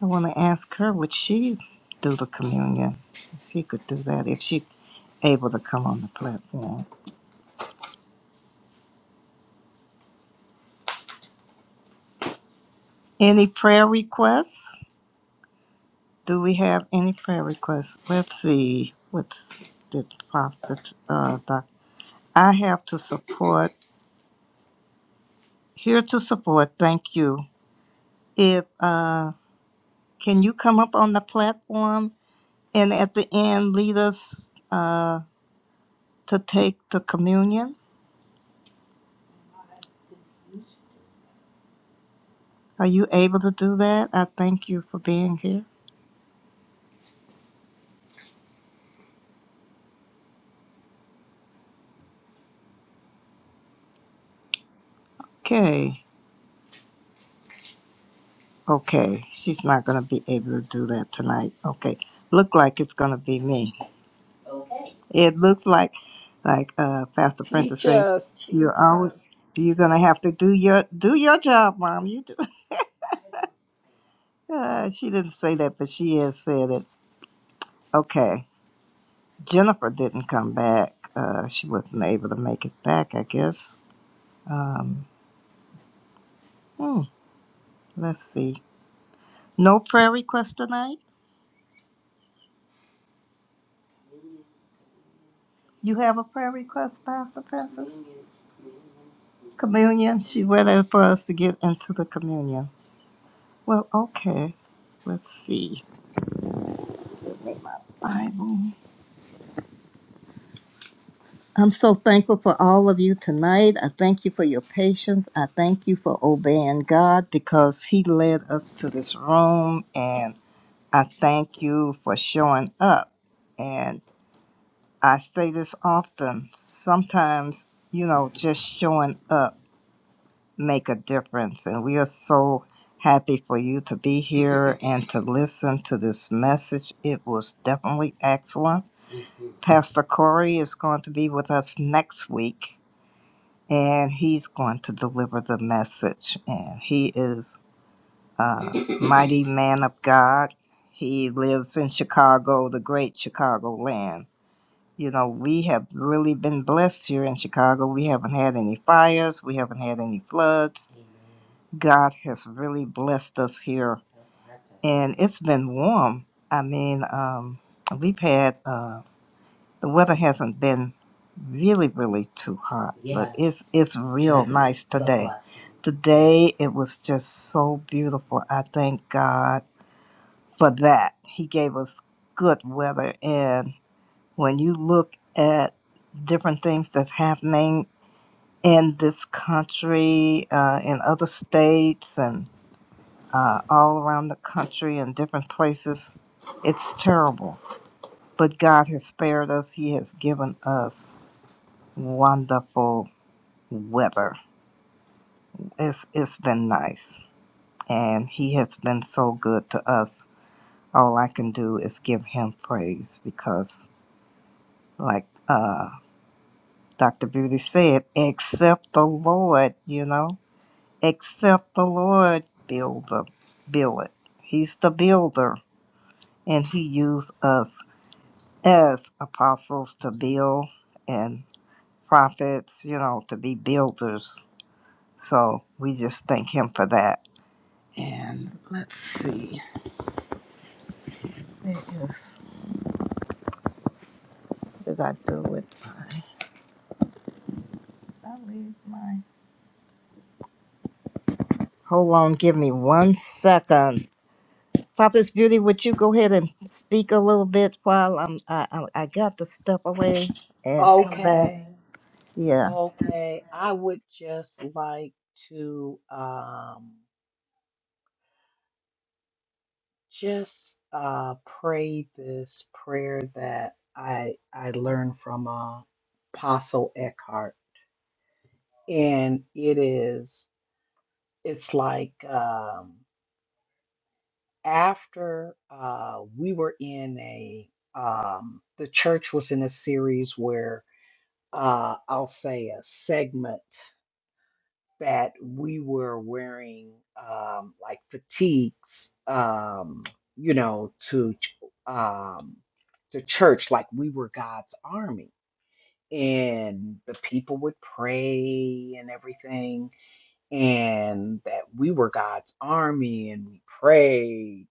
I want to ask her, would she do the communion? If She could do that if she able to come on the platform. Any prayer requests? Do we have any prayer requests? Let's see. What did Prophet uh, doc- I have to support. Here to support. Thank you. If uh, can you come up on the platform and at the end lead us uh, to take the communion? Are you able to do that? I thank you for being here. Okay. Okay, she's not going to be able to do that tonight. Okay, look like it's going to be me. Okay, It looks like, like uh, Pastor Princess Teach said, us. you're Teach always us. you're going to have to do your do your job, Mom. You do. Uh, she didn't say that, but she has said it. Okay, Jennifer didn't come back. Uh, she wasn't able to make it back, I guess. Um, hmm, let's see. No prayer request tonight. You have a prayer request, Pastor Princess? Communion. She waited for us to get into the communion. Well, okay. Let's see. Bible. I'm so thankful for all of you tonight. I thank you for your patience. I thank you for obeying God because He led us to this room. And I thank you for showing up. And I say this often sometimes, you know, just showing up make a difference. And we are so happy for you to be here and to listen to this message. It was definitely excellent. Pastor Corey is going to be with us next week, and he's going to deliver the message. And he is a mighty man of God. He lives in Chicago, the great Chicago land. You know, we have really been blessed here in Chicago. We haven't had any fires, we haven't had any floods God has really blessed us here, and it's been warm. I mean, um, we've had uh, the weather hasn't been really, really too hot, but it's Yes. it's real Yes. nice So today. blessed. Today it was just so beautiful. I thank God for that. He gave us good weather, and when you look at different things that's happening in this country, uh, in other states, and uh, all around the country and different places. It's terrible. But God has spared us. He has given us wonderful weather. It's, it's been nice. And He has been so good to us. All I can do is give Him praise because, like uh, Dr. Beauty said, except the Lord, you know, except the Lord build the build it. He's the builder, and He used us as apostles to build and prophets, you know, to be builders. So we just thank him for that. And let's see. It is. What did I do with my? did I leave my. Hold on, give me one second. Prophetess Beauty, would you go ahead and speak a little bit while I'm I, I, I got to step away and come back? Okay. Yeah. Okay. I would just like to um just uh pray this prayer that I I learned from uh, Apostle Eckhart, and it is it's like um after uh, we were in a um, the church was in a series where uh, I'll say a segment that we were wearing um, like fatigues, um, you know, to um, to church, like we were God's army, and the people would pray and everything, and that we were God's army, and we prayed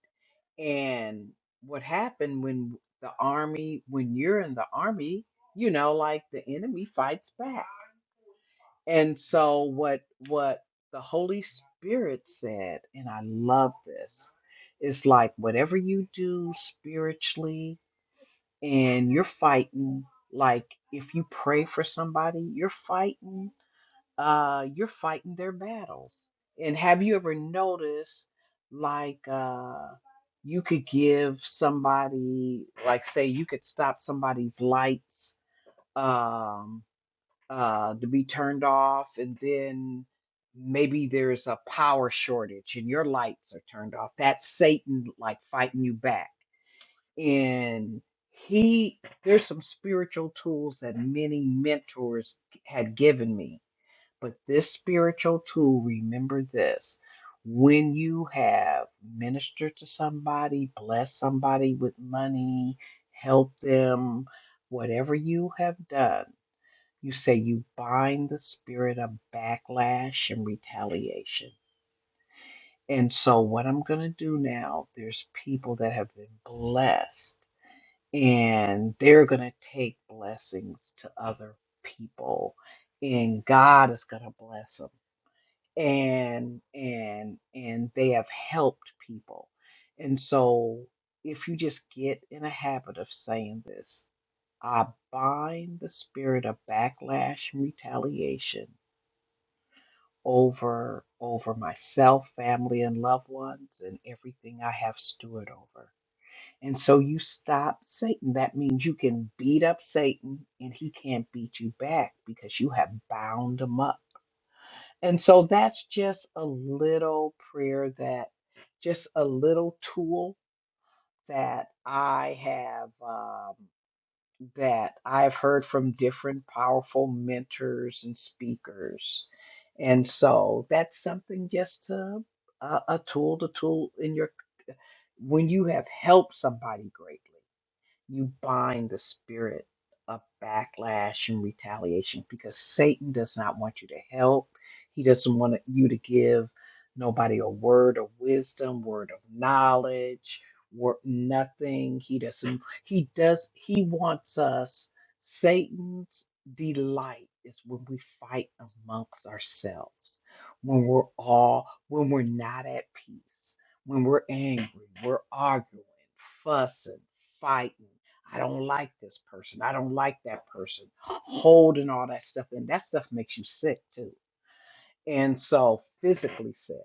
and what happened when the army, when you're in the army, you know, like the enemy fights back. And so what what the Holy Spirit said, and I love this, is like whatever you do spiritually and you're fighting, like if you pray for somebody, you're fighting uh, you're fighting their battles. And have you ever noticed, like, uh, you could give somebody, like, say, you could stop somebody's lights um, uh, to be turned off, and then maybe there's a power shortage and your lights are turned off. That's Satan, like, fighting you back. And he, there's some spiritual tools that many mentors had given me but this spiritual tool, remember this when you have ministered to somebody, blessed somebody with money, help them, whatever you have done, you say you bind the spirit of backlash and retaliation. And so, what I'm going to do now, there's people that have been blessed, and they're going to take blessings to other people, and God is going to bless them and and and they have helped people. And so if you just get in a habit of saying this, I bind the spirit of backlash and retaliation over over myself, family and loved ones and everything I have steward over. And so you stop Satan. That means you can beat up Satan and he can't beat you back because you have bound him up and so that's just a little prayer that, just a little tool that I have, um, that I've heard from different powerful mentors and speakers. And so that's something just to, a a tool to tool in your, when you have helped somebody greatly you bind the spirit of backlash and retaliation because Satan does not want you to help. He doesn't want you to give nobody a word of wisdom, word of knowledge, word, nothing. He doesn't, he does, he wants us. Satan's delight is when we fight amongst ourselves, when we're all, when we're not at peace, when we're angry, we're arguing, fussing, fighting. I don't like this person. I don't like that person. Holding all that stuff in. That stuff makes you sick too. And so physically sick.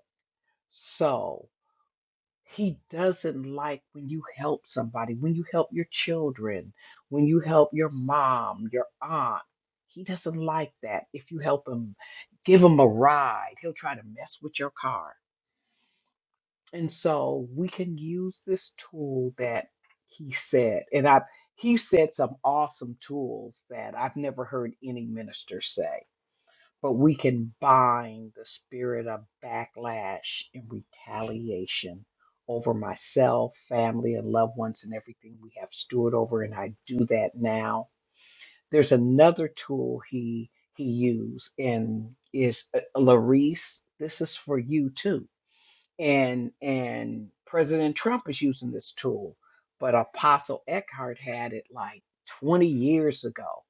So he doesn't like when you help somebody, when you help your children, when you help your mom, your aunt. He doesn't like that. If you help him, give him a ride, he'll try to mess with your car And so we can use this tool that he said. And I he said some awesome tools that I've never heard any minister say. But we can bind the spirit of backlash and retaliation over myself, family, and loved ones, and everything we have steward over. And I do that now. There's another tool he he used, and is uh, Larice. This is for you too and and President Trump is using this tool, but Apostle Eckhart had it like 20 years ago.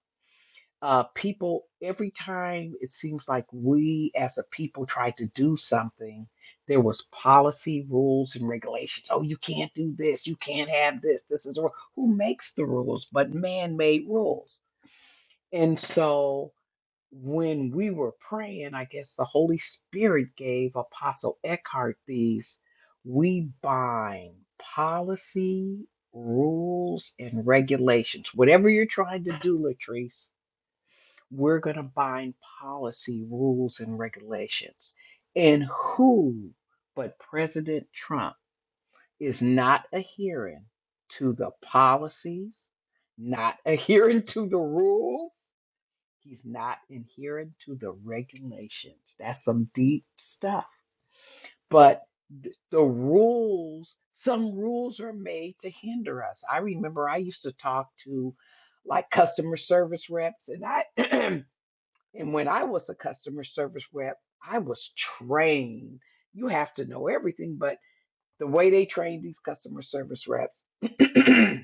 Uh, people, every time it seems like we as a people try to do something, there was policy, rules, and regulations. Oh, you can't do this. You can't have this. This is a rule. Who makes the rules? But man-made rules. And so when we were praying, I guess the Holy Spirit gave Apostle Eckhart these we bind policy, rules, and regulations. Whatever you're trying to do, Latrice, we're going to bind policy, rules, and regulations. And who but President Trump is not adhering to the policies, not adhering to the rules? He's not adhering to the regulations. That's some deep stuff. But th- the rules, some rules are made to hinder us. I remember I used to talk to like customer service reps, and I and when I was a customer service rep, I was trained. You have to know everything, but the way they train these customer service reps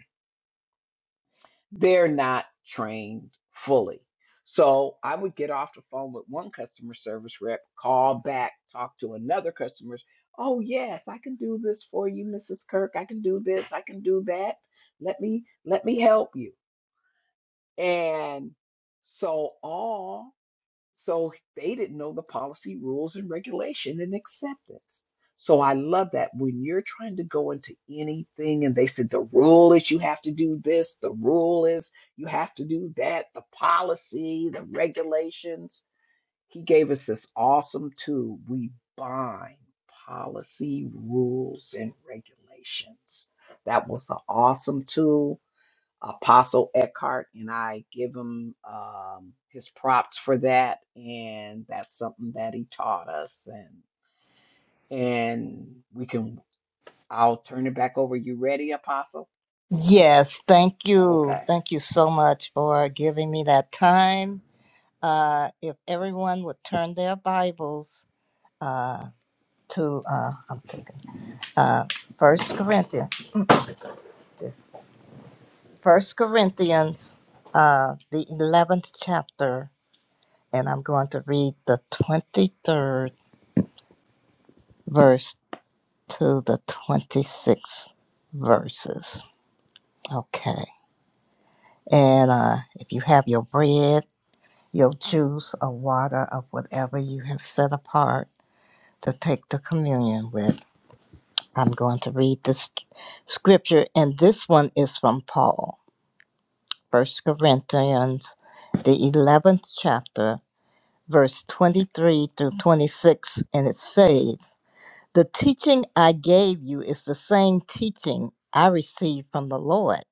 they're not trained fully. So I would get off the phone with one customer service rep, call back, talk to another customer. Oh yes, I can do this for you, Mrs. Kirk. I can do this. I can do that. Let me let me help you. And so all so they didn't know the policy, rules, and regulation and acceptance. So I love that when you're trying to go into anything and they said the rule is you have to do this, the rule is you have to do that, the policy, the regulations. He gave us this awesome tool. We bind policy, rules, and regulations. That was an awesome tool Apostle Eckhart, and I give him um, his props for that. And that's something that he taught us. And and we can. I'll turn it back over. You ready, Apostle? Yes, thank you. Okay. Thank you so much for giving me that time Uh, if everyone would turn their Bibles uh, to uh, I'm thinking, uh, First Corinthians, this First Corinthians, uh, the eleventh chapter, and I'm going to read the twenty-third verse to the twenty-sixth verses. Okay, and uh, if you have your bread, your juice, or water, or whatever you have set apart to take the communion with I'm going to read this scripture, and this one is from Paul, First Corinthians, the 11th chapter, verse 23 through 26, and it says, The teaching I gave you is the same teaching I received from the Lord.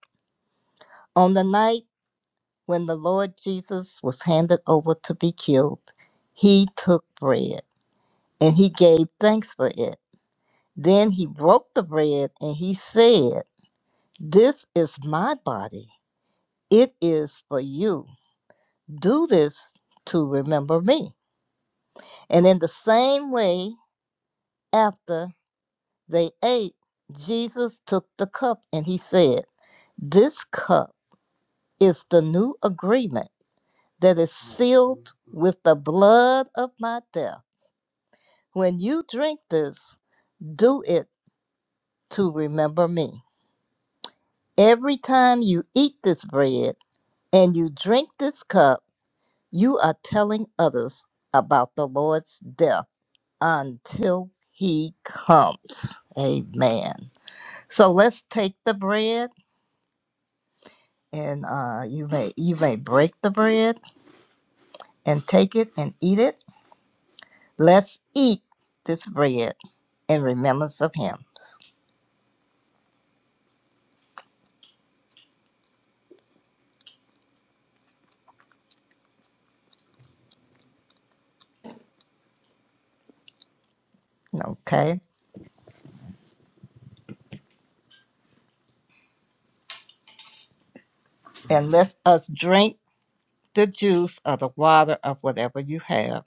On the night when the Lord Jesus was handed over to be killed, he took bread and he gave thanks for it. Then he broke the bread and he said, 'This is my body It is for you. Do this to remember me. And in the same way, after they ate, Jesus took the cup and he said, This cup is the new agreement that is sealed with the blood of my death. When you drink this, do it to remember me. Every time you eat this bread and you drink this cup, you are telling others about the Lord's death until he comes. Amen. So let's take the bread and uh, you may you may break the bread and take it and eat it. Let's eat this bread in remembrance of him. Okay. And let us drink the juice or the water of whatever you have.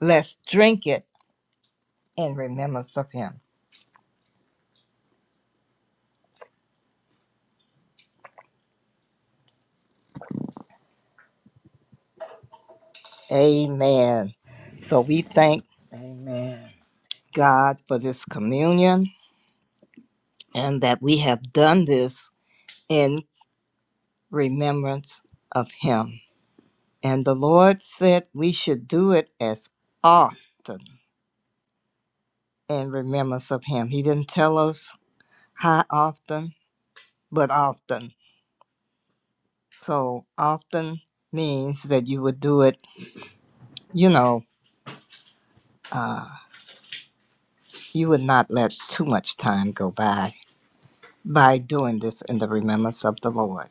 Let's drink it in remembrance of him. Amen. So we thank Amen. God for this communion and that we have done this in remembrance of him. And the Lord said we should do it as often in remembrance of him. He didn't tell us how often, but often. So often means that you would do it, you know, uh, you would not let too much time go by by doing this in the remembrance of the Lord.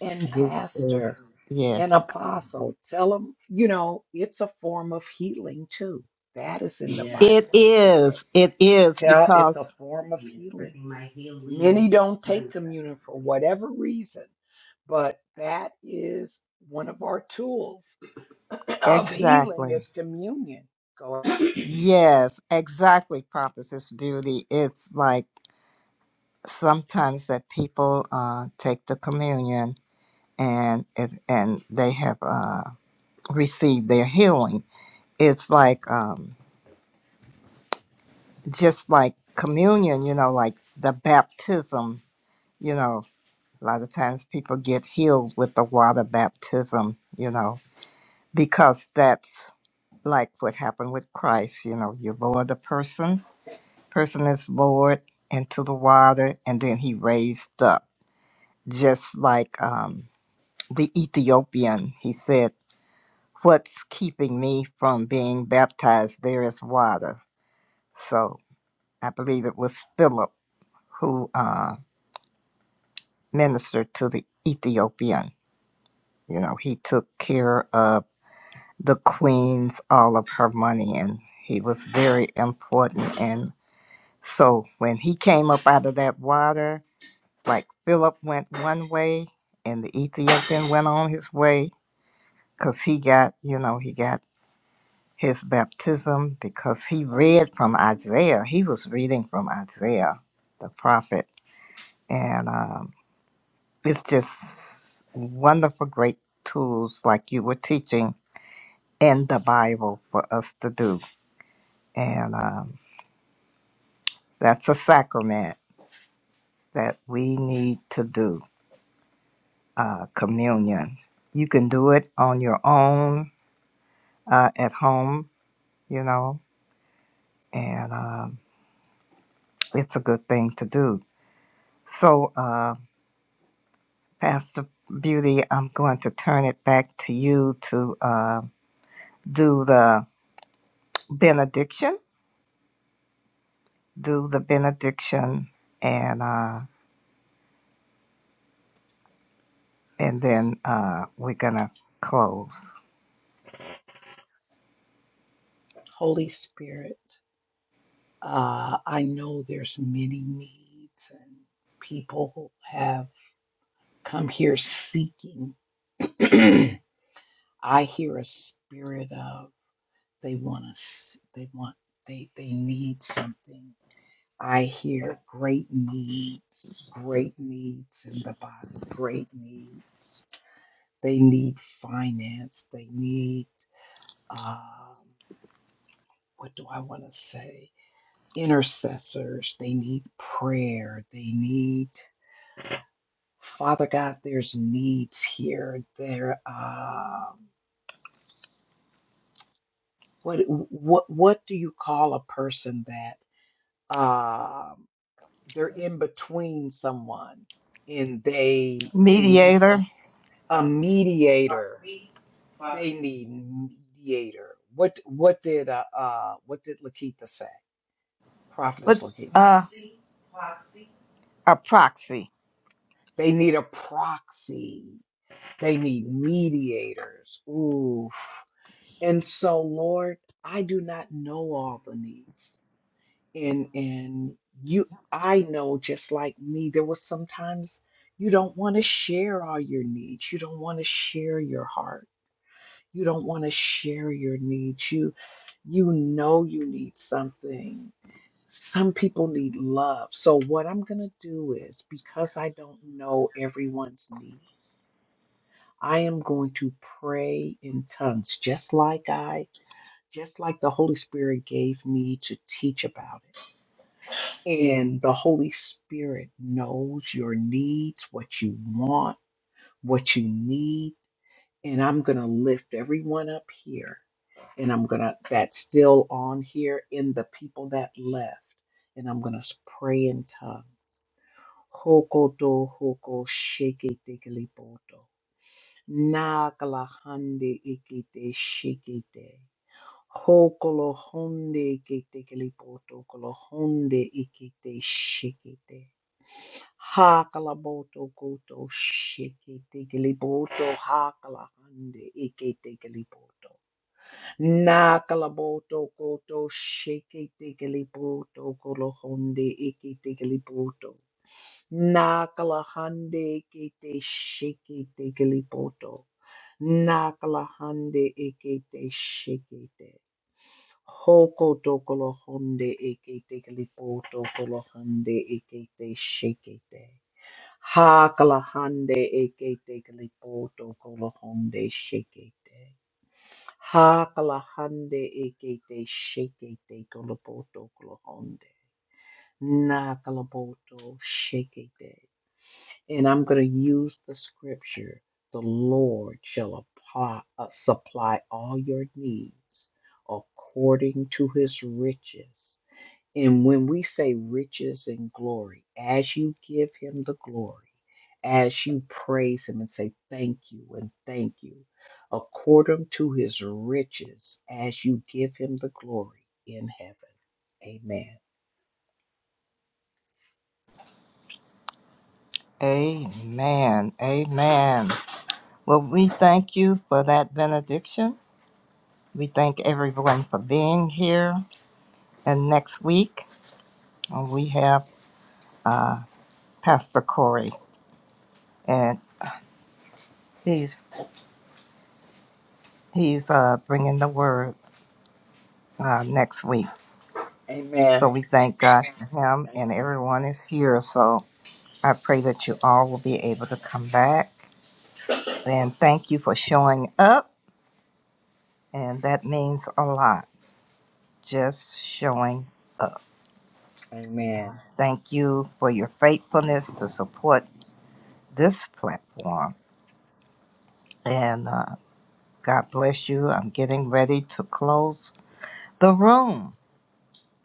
And This is, Pastor yeah. and Apostle, tell them. You know, it's a form of healing too. That is in the It Bible, as you t- is, it is tell. It's a because form of healing. Many don't take communion for whatever reason, but that is one of our tools of healing is Exactly. communion. Go ahead. Yes, exactly. Prophet Beauty. It's like sometimes that people uh, take the communion and it, and they have uh, received their healing. It's like um, just like communion, you know, like the baptism. You know, a lot of times people get healed with the water baptism. You know, because that's like what happened with Christ. You know, you lower the person person is lowered into the water and then he raised up. Just like um, the Ethiopian, he said, What's keeping me from being baptized? There is water. So I believe it was Philip who uh, ministered to the Ethiopian. You know, he took care of the queens, all of her money, and he was very important. And so when he came up out of that water, It's like Philip went one way and the Ethiopian went on his way because he got, you know, he got his baptism because he read from Isaiah. He was reading from Isaiah, the prophet. And um, it's just wonderful, great tools like you were teaching in the Bible for us to do. And um, that's a sacrament that we need to do uh, communion. You can do it on your own uh, at home, you know, and um, it's a good thing to do. So, uh, Pastor Beauty, I'm going to turn it back to you to uh, do the benediction, do the benediction, and uh, and then uh, we're gonna close. Holy Spirit, uh, I know there's many needs and people who have come here seeking. I hear a spirit of they want to they want they they need something I hear great needs, great needs in the body, great needs. They need finance. They need, um, what do I want to say? Intercessors. They need prayer. They need, Father God, there's needs here. There, um, what, what, what do you call a person that, um, they're in between someone? and they they need someone. Mediator, a mediator. They need mediator. What what did uh, uh what did Lakita say? Prophetess but Lakita. uh, a proxy. They need a proxy. They need mediators. Ooh. And so, Lord, I do not know all the needs. And and you I know just like me, there was sometimes you don't want to share all your needs. You don't want to share your heart You don't want to share your needs. You you know you need something. Some people need love. So what I'm going to do is because I don't know everyone's needs, I am going to pray in tongues just like I just like the Holy Spirit gave me to teach about it. And the Holy Spirit knows your needs, what you want, what you need and I'm going to lift everyone up here and I'm going to that's still on here in the people that left and I'm going to pray in tongues. Hoko hoko shake tikili poto. hande ikite shikite. Hokolo honde ikite kilipoto kolo honde ikite shikite. Hakala boto koto shiki tikili boto hakala hande iki tikili boto. Nakala boto koto shiki tikili boto kolo honde iki tikili boto. Nakalahande kete shekete kilipoto. Nakalahande ekete shekete. Hoko tokolohonde ekete kilipoto kolohande ekete shekete. Hakalahande ekete kilipoto kolohonde shekete. Hakalahande ekete shekete kilipoto kolohonde. Nakalapoto shekete and I'm going to use the scripture the Lord shall apply, uh, supply all your needs according to his riches. And when we say riches and glory, as you give him the glory, as you praise him and say thank you and thank you, according to his riches, as you give him the glory in heaven. Amen. Amen. Amen. Well, we thank you for that benediction. We thank everyone for being here. And next week uh, we have uh, Pastor Corey, and he's he's uh, bringing the word uh, next week. So Amen. we thank God for him, and Amen. everyone is here. So I pray that you all will be able to come back. And thank you for showing up, and that means a lot. Just showing up. Amen. Thank you for your faithfulness to support this platform. And uh, God bless you. I'm getting ready to close the room,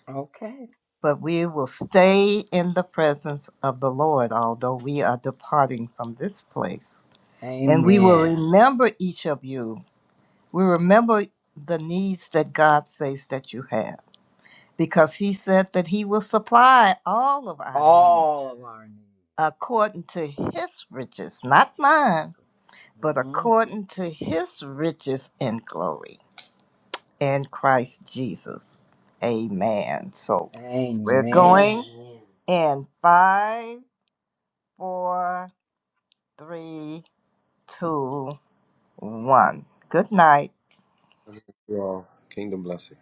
Okay. but we will stay in the presence of the Lord, although we are departing from this place. And we will Amen. remember each of you. We remember the needs that God says that you have, because He said that He will supply all of our needs all of our needs, according to His riches, not riches, and mine, but glory. hmm according to His riches and glory in Christ Jesus. Amen. So we're Amen. going. In five, four, three, two, one. Good night. you all, kingdom blessing.